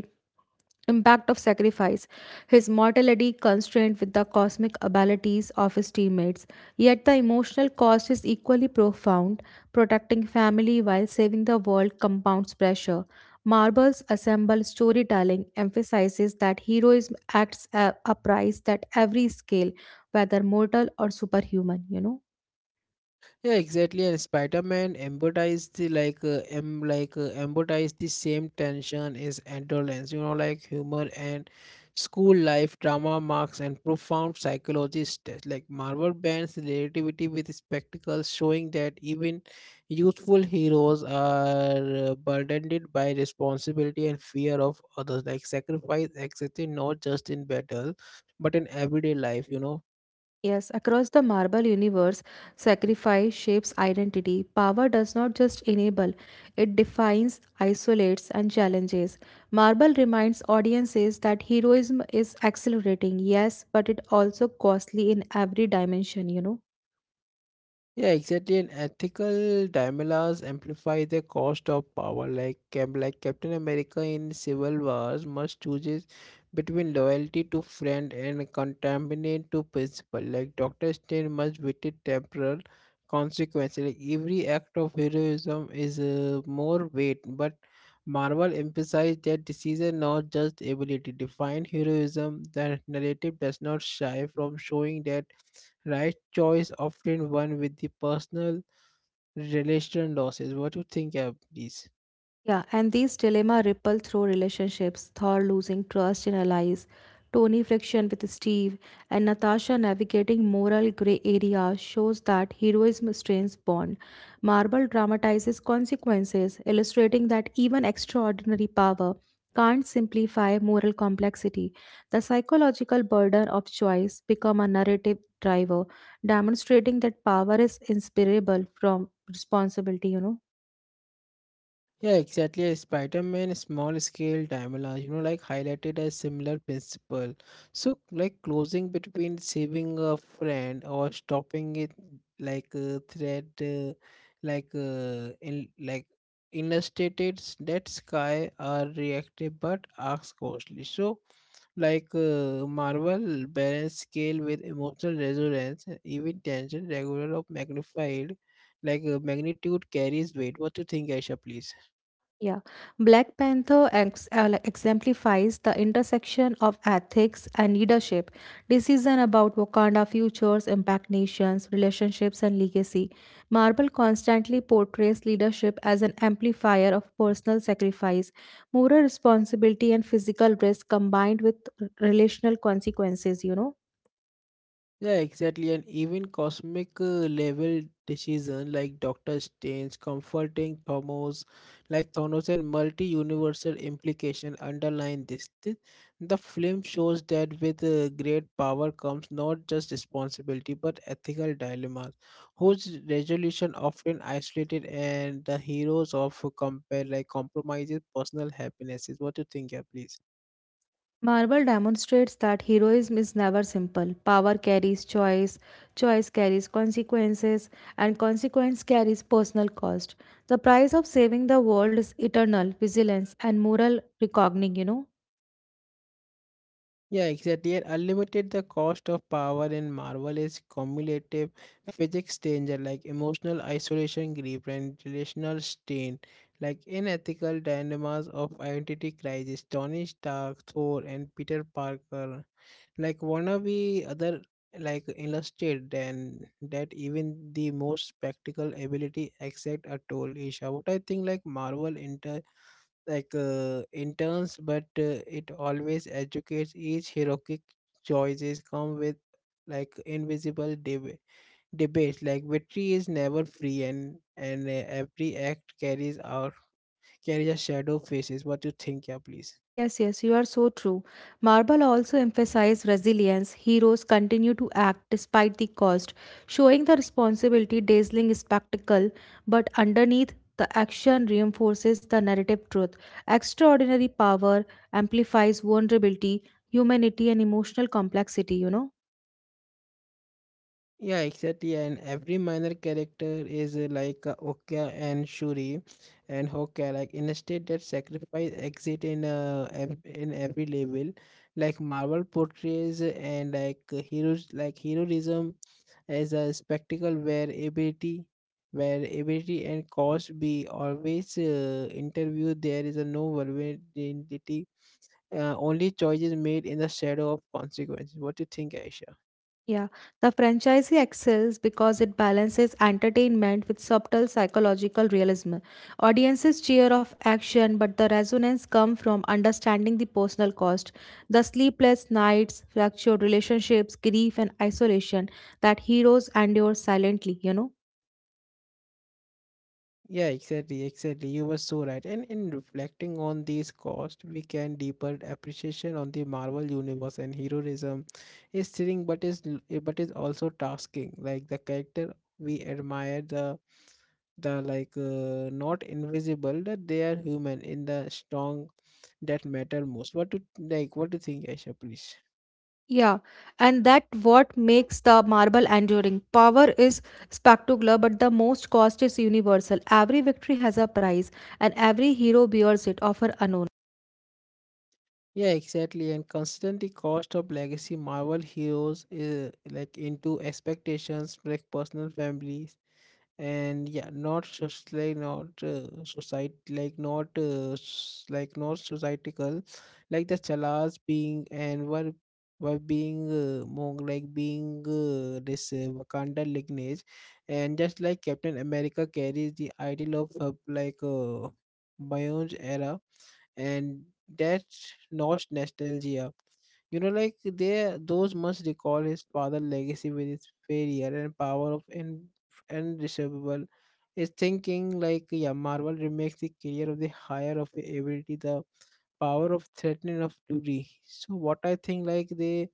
[SPEAKER 2] impact of sacrifice, his mortality constrained with the cosmic abilities of his teammates. Yet the emotional cost is equally profound. Protecting family while saving the world compounds pressure. Marvel's ensemble storytelling emphasizes that heroism acts a a price that every scale, whether mortal or superhuman, you know.
[SPEAKER 1] Yeah, exactly. And Spider-Man embodies the like uh, em like uh, embodies the same tension as adolescence. You know, like humor and school life drama marks and profound psychologist test. Like Marvel bends relativity with spectacles, showing that even youthful heroes are uh, burdened by responsibility and fear of others. Like sacrifice, existing not just in battle, but in everyday life. You know.
[SPEAKER 2] Yes, across the marble universe, sacrifice shapes identity. Power does not just enable, it defines, isolates, and challenges. Marble reminds audiences that heroism is accelerating, yes, but it also costly in every dimension, you know.
[SPEAKER 1] Yeah, exactly. And ethical dilemmas amplify the cost of power. Like, Cap- like Captain America in Civil Wars must chooses between loyalty to friend and contaminant to principle. Like Doctor Strange must witness temporal consequences. Like every act of heroism is uh, more weight, but Marvel emphasized that decision, not just ability, define heroism. The narrative does not shy from showing that right choice often one with the personal relation losses. What do you think, uh, please?
[SPEAKER 2] Yeah, and these dilemma ripple through relationships, Thor losing trust in allies, Tony friction with Steve, and Natasha navigating moral gray area shows that heroism strains bond. Marvel dramatizes consequences, illustrating that even extraordinary power can't simplify moral complexity. The psychological burden of choice become a narrative driver, demonstrating that power is inseparable from responsibility, you know.
[SPEAKER 1] Yeah, exactly. uh, Spider-Man small scale Daimler, you know, like highlighted a similar principle. So, like closing between saving a friend or stopping it, like a thread, uh, like uh, in like illustrated s- that sky are reactive but acts costly. So, like uh, Marvel balanced scale with emotional resonance, and even tension regular of magnified, like uh, magnitude carries weight. What do you think, Aisha, please?
[SPEAKER 2] Yeah, Black Panther ex- uh, like exemplifies the intersection of ethics and leadership. Decision about Wakanda futures impact nations, relationships, and legacy. Marvel constantly portrays leadership as an amplifier of personal sacrifice, moral responsibility, and physical risk combined with r- relational consequences, you know.
[SPEAKER 1] Yeah, exactly. And even cosmic uh, level decision like Doctor Strange, comforting Thanos, like Thanos and multi-universal implication underline this. Th- The film shows that with uh, great power comes not just responsibility but ethical dilemmas, whose resolution often isolated and the heroes of compare like compromises personal happinesses. What do you think, yeah, please?
[SPEAKER 2] Marvel demonstrates that heroism is never simple. Power carries choice, choice carries consequences, and consequence carries personal cost. The price of saving the world is eternal vigilance and moral reckoning, you know.
[SPEAKER 1] Yeah, exactly. And unlimited, the cost of power in Marvel is cumulative physics danger like emotional isolation, grief, and relational strain, like unethical dilemmas of identity crisis. Tony Stark, Thor, and Peter Parker, like wannabe other like illustrate then that even the most practical ability except a tool. Isha, what I think like Marvel like uh, interns but uh, it always educates each heroic choices come with like invisible deb- debates. Like victory is never free, and and uh, every act carries out carries a shadow faces. What you think, yeah, please?
[SPEAKER 2] Yes, yes, you are so true. Marble also emphasized resilience. Heroes continue to act despite the cost, showing the responsibility dazzling spectacle, but underneath the action reinforces the narrative truth. Extraordinary power amplifies vulnerability, humanity, and emotional complexity, you know.
[SPEAKER 1] Yeah, exactly. And every minor character is uh, like uh, Okya and Shuri and Hokka, like in a state that sacrifice exit in uh, ev- in every level. Like Marvel portrays uh, and like uh, heroes like heroism as a spectacle where ability where ability and cost be always uh, interviewed. There is a no vulnerability. Uh, only choices made in the shadow of consequences. What do you think, Aisha?
[SPEAKER 2] Yeah, the franchisee excels because it balances entertainment with subtle psychological realism. Audiences cheer of action, but the resonance comes from understanding the personal cost, the sleepless nights, fractured relationships, grief, and isolation that heroes endure silently, you know?
[SPEAKER 1] Yeah, exactly, exactly. You were so right. And in reflecting on these costs, we can deeper appreciation on the Marvel universe, and heroism is thrilling, but is l- eh, but is also tasking. Like the character we admire, the the like uh, not invisible that they are human in the strong that matter most. What do like? What do you think, Aisha? Please.
[SPEAKER 2] Yeah, and that what makes the marble enduring. Power is spectacular, but the most cost is universal. Every victory has a price, and every hero bears it, often unknown.
[SPEAKER 1] Yeah, exactly. And considering the cost of legacy Marvel heroes is like into expectations, like personal families, and yeah, not just like not uh, society, like not uh, s- like not societal, like the Chalas being and were were being uh, Mong like being uh, this uh, Wakanda lineage, and just like Captain America carries the ideal of uh, like uh, Bion's era, and that's not nostalgia. You know, like they those must recall his father's legacy with its failure and power of in undiscernible. Is thinking like yeah, Marvel remakes the career of the higher of the ability, the power of threatening of duty. So what I think like they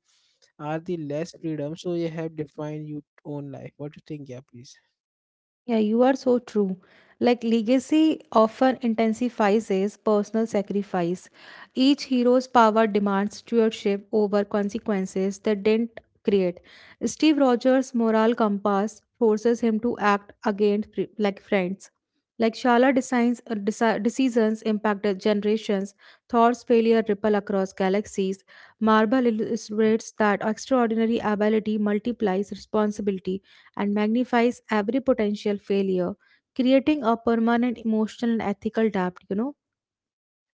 [SPEAKER 1] are the less freedom, so you have defined your own life. What do you think, yeah, please?
[SPEAKER 2] Yeah, you are so true. Like legacy often intensifies his personal sacrifice. Each hero's power demands stewardship over consequences they didn't create. Steve Rogers' moral compass forces him to act against fr- like friends. Like Shala designs uh, deci- decisions impacted generations. Thor's failure ripple across galaxies. Marvel illustrates that extraordinary ability multiplies responsibility and magnifies every potential failure, creating a permanent emotional and ethical debt, you know.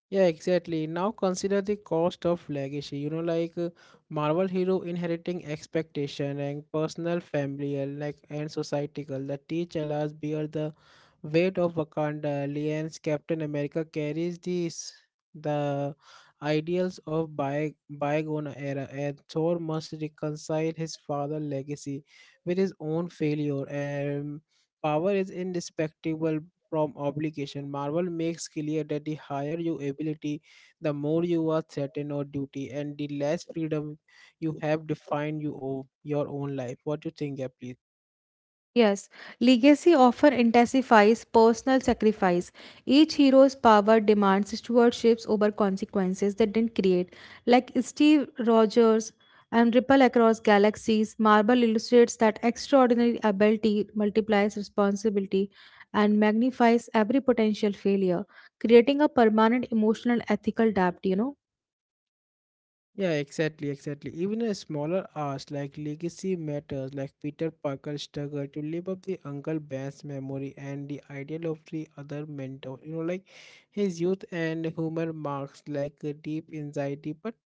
[SPEAKER 1] Yeah, exactly. Now consider the cost of legacy. You know, like uh, Marvel hero inheriting expectation and personal, familial, like and societal. The T'Challa's bear the weight of Wakanda. Alliance Captain America carries these the ideals of by, bygone era, and Thor must reconcile his father's legacy with his own failure. And power is indispectable, from obligation. Marvel makes clear that the higher your ability, the more you are threatened or duty, and the less freedom you have defined you owe your own life. What do you think, yeah, please?
[SPEAKER 2] Yes, legacy often intensifies personal sacrifice. Each hero's power demands stewardships over consequences they didn't create. Like Steve Rogers and Ripple Across Galaxies, Marvel illustrates that extraordinary ability multiplies responsibility and magnifies every potential failure, creating a permanent emotional and ethical debt, you know.
[SPEAKER 1] Yeah, exactly, exactly. Even a smaller ask like legacy matters, like Peter Parker's struggle to live up the Uncle Ben's memory and the ideal of the other mentor. You know, like his youth and humor marks like a deep anxiety, but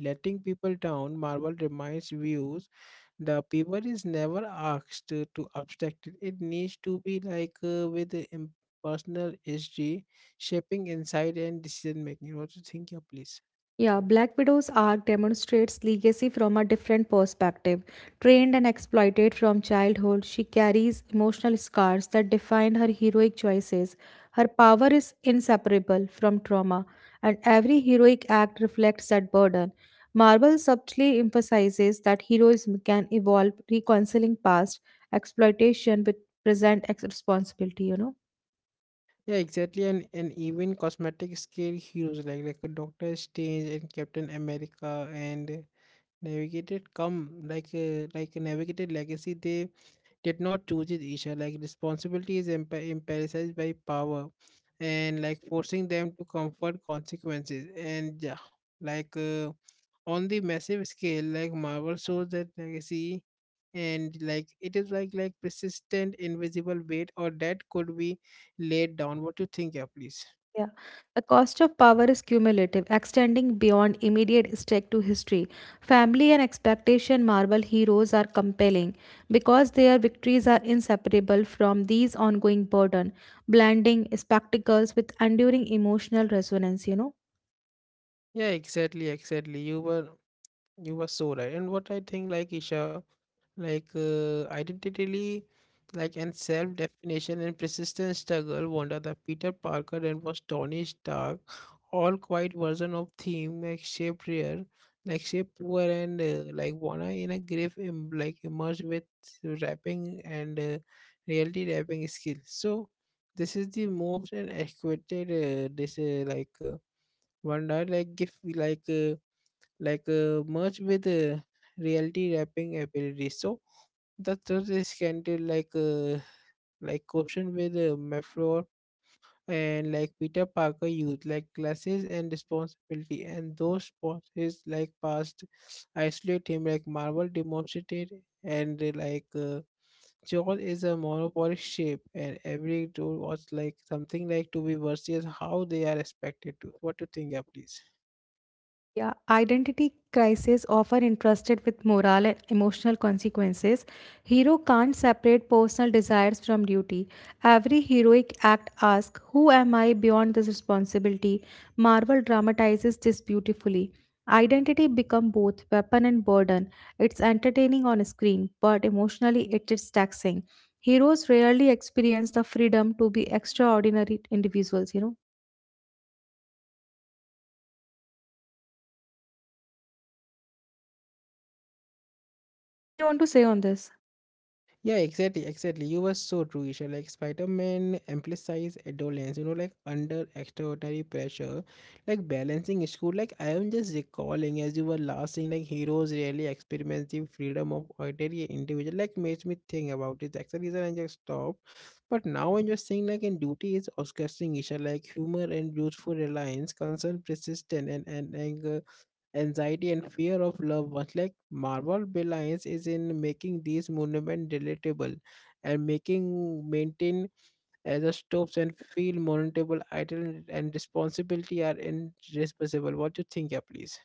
[SPEAKER 1] letting people down. Marvel reminds viewers the paper is never asked to to abstract it. It needs to be like uh, with the im- personal history, shaping insight and decision making. What you think, yeah, please?
[SPEAKER 2] Yeah, Black Widow's arc demonstrates legacy from a different perspective. Trained and exploited from childhood, she carries emotional scars that define her heroic choices. Her power is inseparable from trauma, and every heroic act reflects that burden. Marvel subtly emphasizes that heroism can evolve, reconciling past exploitation with present ex- responsibility, you know.
[SPEAKER 1] Yeah, exactly. And and even cosmetic scale heroes like like a Doctor Strange and Captain America and uh, navigated come like uh, like a navigated legacy. They did not choose it, Isha. Like responsibility is empa- emphasized by power and like forcing them to comfort consequences. And yeah, like uh, on the massive scale, like Marvel shows that legacy and like it is like like persistent invisible weight or that could be laid down. What you think, yeah, please?
[SPEAKER 2] Yeah. The cost of power is cumulative, extending beyond immediate stake to history. Family and expectation Marvel heroes are compelling because their victories are inseparable from these ongoing burden, blending spectacles with enduring emotional resonance, you know.
[SPEAKER 1] Yeah, exactly, exactly. You were you were so right. And what I think, like Isha, like uh, identity, like, and self-definition and persistent struggle wonder the peter parker and was tony stark all quite version of theme like shaped rare, like shaped poor and uh, like wanna in a grave Im- like emerged with rapping and uh, reality rapping skill. So this is the most and expected uh, this, uh, like uh, wonder like give like uh, like uh, merge with uh, reality rapping ability. So the third is Scandal, like uh, like question with uh, Meflor, and like Peter Parker youth, like classes and responsibility, and those spots is like past isolate him, like Marvel demonstrated, and uh, like uh, Joel is a monopolic shape, and every tool was like something like to be versus how they are expected to. What do you think, yeah, please?
[SPEAKER 2] Yeah, identity crises often entrusted with moral and emotional consequences. Hero can't separate personal desires from duty. Every heroic act asks, "Who am I beyond this responsibility?" Marvel dramatizes this beautifully. Identity become both weapon and burden. It's entertaining on screen, but emotionally it is taxing. Heroes rarely experience the freedom to be extraordinary individuals, you know. What do you want to say on this?
[SPEAKER 1] Yeah, exactly, exactly. You were so true, Isha. Like Spider-Man emphasized adolescence, you know, like under extraordinary pressure, like balancing school. Like I am just recalling as you were last saying, like heroes really experience the freedom of ordinary individual. Like makes me think about it. That's the reason I just stopped. But now I'm just saying like in duty is disgusting, Isha. Like humor and youthful reliance, concern, persistent and and anger, anxiety, and fear of love was like marvel belies is in making these monument relatable and making maintain as a stops and feel monetable idle and responsibility are irresponsible. What do you think, yeah, please?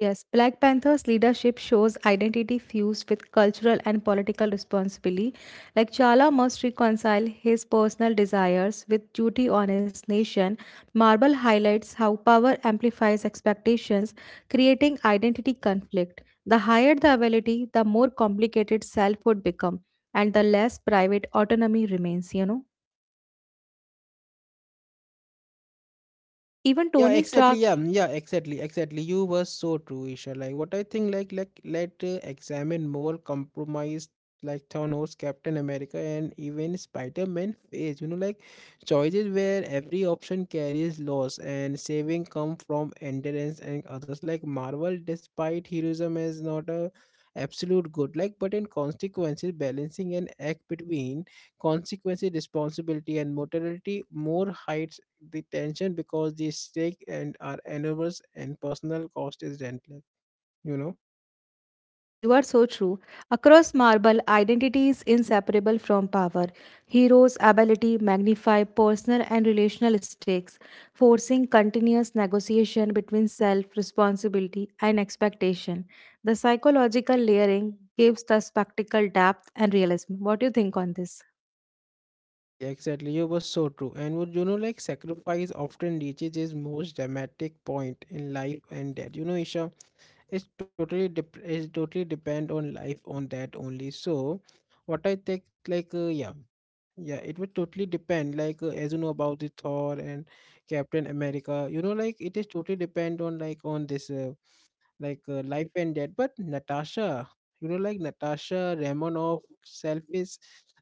[SPEAKER 2] Yes, Black Panther's leadership shows identity fused with cultural and political responsibility. Like Chala must reconcile his personal desires with duty on his nation. Marvel highlights how power amplifies expectations, creating identity conflict. The higher the ability, the more complicated self would become, and the less private autonomy remains, you know. Even
[SPEAKER 1] Yeah,
[SPEAKER 2] Tony
[SPEAKER 1] exactly.
[SPEAKER 2] Stark.
[SPEAKER 1] yeah mm, yeah, exactly, exactly, you were so true, Isha. Like what I think, like like let uh, examine more compromised, like Thanos, Captain America, and even Spider-Man face, you know, like choices where every option carries loss and saving come from endurance and others. Like marvel, despite heroism is not a absolute good, like but in consequences balancing an act between consequences, responsibility, and mortality more heights the tension because the stake and are enormous and personal cost is relentless, you know.
[SPEAKER 2] Yeah, you are so true. Across Marble, identity is inseparable from power. Heroes' ability magnify personal and relational stakes, forcing continuous negotiation between self, responsibility, and expectation. The psychological layering gives the spectacle depth and realism. What do you think on this?
[SPEAKER 1] Exactly, you were so true. And would you know, like sacrifice often reaches its most dramatic point in life and death, you know, Isha. It's totally dep- it totally depend on life on that only. So what I think, like uh, yeah yeah it would totally depend like uh, as you know about the thor and captain america, you know, like it is totally depend on like on this, uh, like uh, life and death. But Natasha, you know, like Natasha Romanoff selfish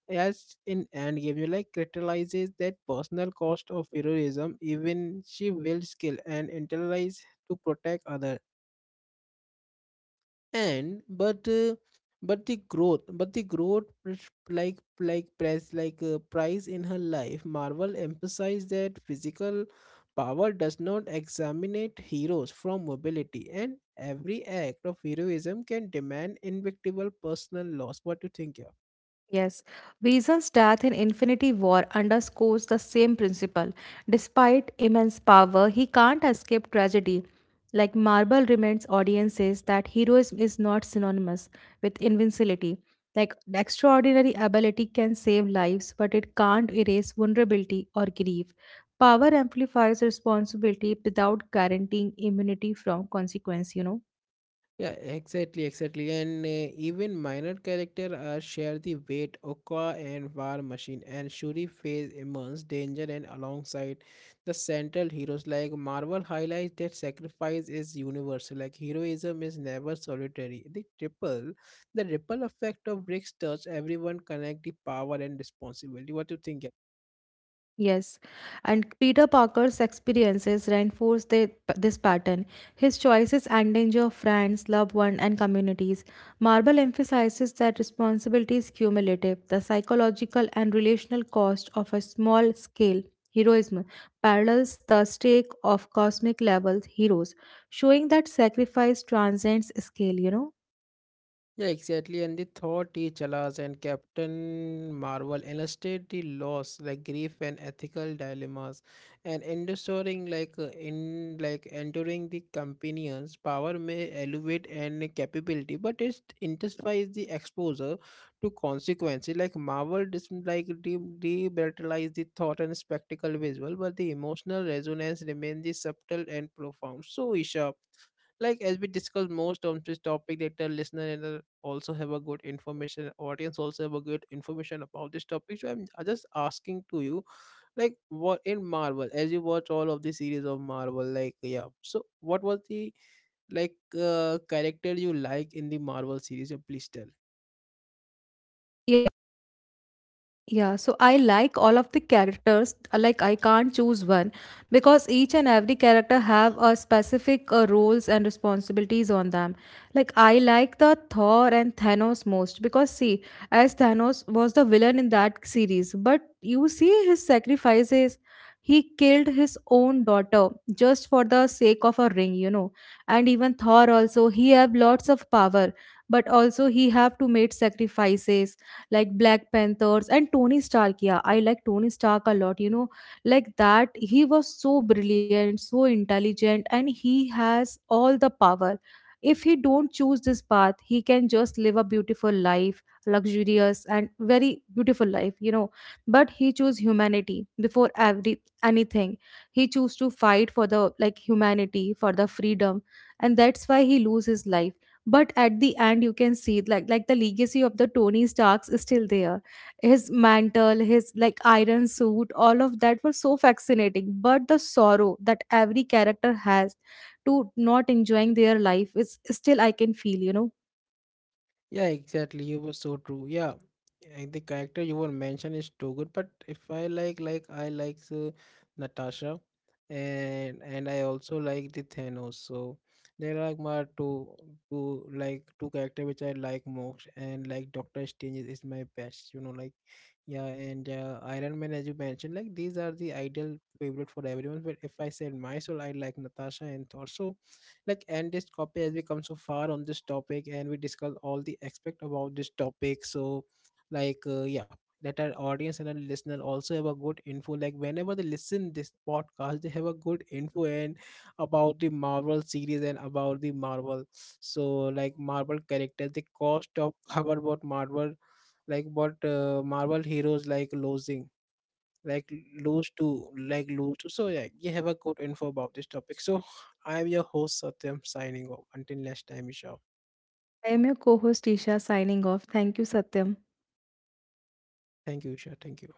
[SPEAKER 1] as in Endgame, you like crystallizes that personal cost of heroism. Even she will skill and internalize to protect others and but uh, but the growth, but the growth pres- like like press like uh, price in her life. Marvel emphasized that physical power does not examinate heroes from mobility, and every act of heroism can demand invictable personal loss. What do you think, yeah?
[SPEAKER 2] Yes, Reason's death in Infinity War underscores the same principle. Despite immense power, he can't escape tragedy. Like Marvel reminds audiences that heroism is not synonymous with invincibility. Like extraordinary ability can save lives, but it can't erase vulnerability or grief. Power amplifies responsibility without guaranteeing immunity from consequence, you know.
[SPEAKER 1] Yeah, exactly, exactly. And uh, even minor characters uh, share the weight. Oka and War Machine and Shuri face immense danger and alongside the central heroes. Like Marvel highlights that sacrifice is universal. Like heroism is never solitary. The triple, the ripple effect of Rick's touch, everyone connect the power and responsibility. What do you think, yeah?
[SPEAKER 2] Yes, and Peter Parker's experiences reinforce the, this pattern. His choices endanger friends, loved ones, and communities. Marvel emphasizes that responsibility is cumulative. The psychological and relational cost of a small scale heroism parallels the stake of cosmic level heroes, showing that sacrifice transcends scale, you know?
[SPEAKER 1] Yeah, exactly. And they thought Chalas and Captain Marvel illustrate the loss, like grief and ethical dilemmas, and enduring like uh, in like enduring the companion's power may elevate and capability, but it intensifies the exposure to consequences. Like Marvel, dis- like de- debritalize the thought and spectacle visual, but the emotional resonance remains the subtle and profound. So, Isha, like as we discussed most on this topic that the listener and the also have a good information, audience also have a good information about this topic. So i'm I'm just asking to you like what in marvel, as you watch all of the series of marvel, like yeah, so what was the like uh, character you like in the marvel series? Uh, please tell.
[SPEAKER 2] Yeah. Yeah, so I like all of the characters. Like I can't choose one because each and every character have a specific uh, roles and responsibilities on them. Like I like the Thor and Thanos most because see, as Thanos was the villain in that series, but you see his sacrifices. He killed his own daughter just for the sake of a ring, you know. And even Thor also, he have lots of power, but also he have to make sacrifices like Black Panthers and Tony Stark. Yeah, I like Tony Stark a lot, you know, like that. He was so brilliant, so intelligent, and he has all the power. If he don't choose this path, he can just live a beautiful life, luxurious and very beautiful life, you know. But he chose humanity before every anything. He chose to fight for the like humanity, for the freedom, and that's why he lose his life. But at the end you can see like like the legacy of the Tony Starks is still there. His mantle, his like iron suit, all of that was so fascinating, but the sorrow that every character has to not enjoying their life is still I can feel, you know.
[SPEAKER 1] Yeah, exactly. You were so true. Yeah, and the character you were mentioned is too good. But if I like, like I like uh, Natasha, and and I also like the Thanos. So there are like my two, two like two character which I like most. And like Doctor Strange is, is my best. You know, like yeah, and uh, Iron Man as you mentioned, like these are the ideal favorite for everyone. But if I said myself, I like Natasha and Thor. So like endless copy as we come so far on this topic and we discuss all the aspect about this topic. So like uh, yeah let our audience and our listener also have a good info, like whenever they listen this podcast they have a good info and about the marvel series and about the marvel. So like marvel characters the cost of about what marvel, like what uh, marvel heroes like losing, like lose to like lose to. So yeah, you have a good info about this topic. So I'm your host Satyam, signing off until next time, Isha.
[SPEAKER 2] I am your co-host Isha, signing off. Thank you, Satyam.
[SPEAKER 1] Thank you Isha, thank you.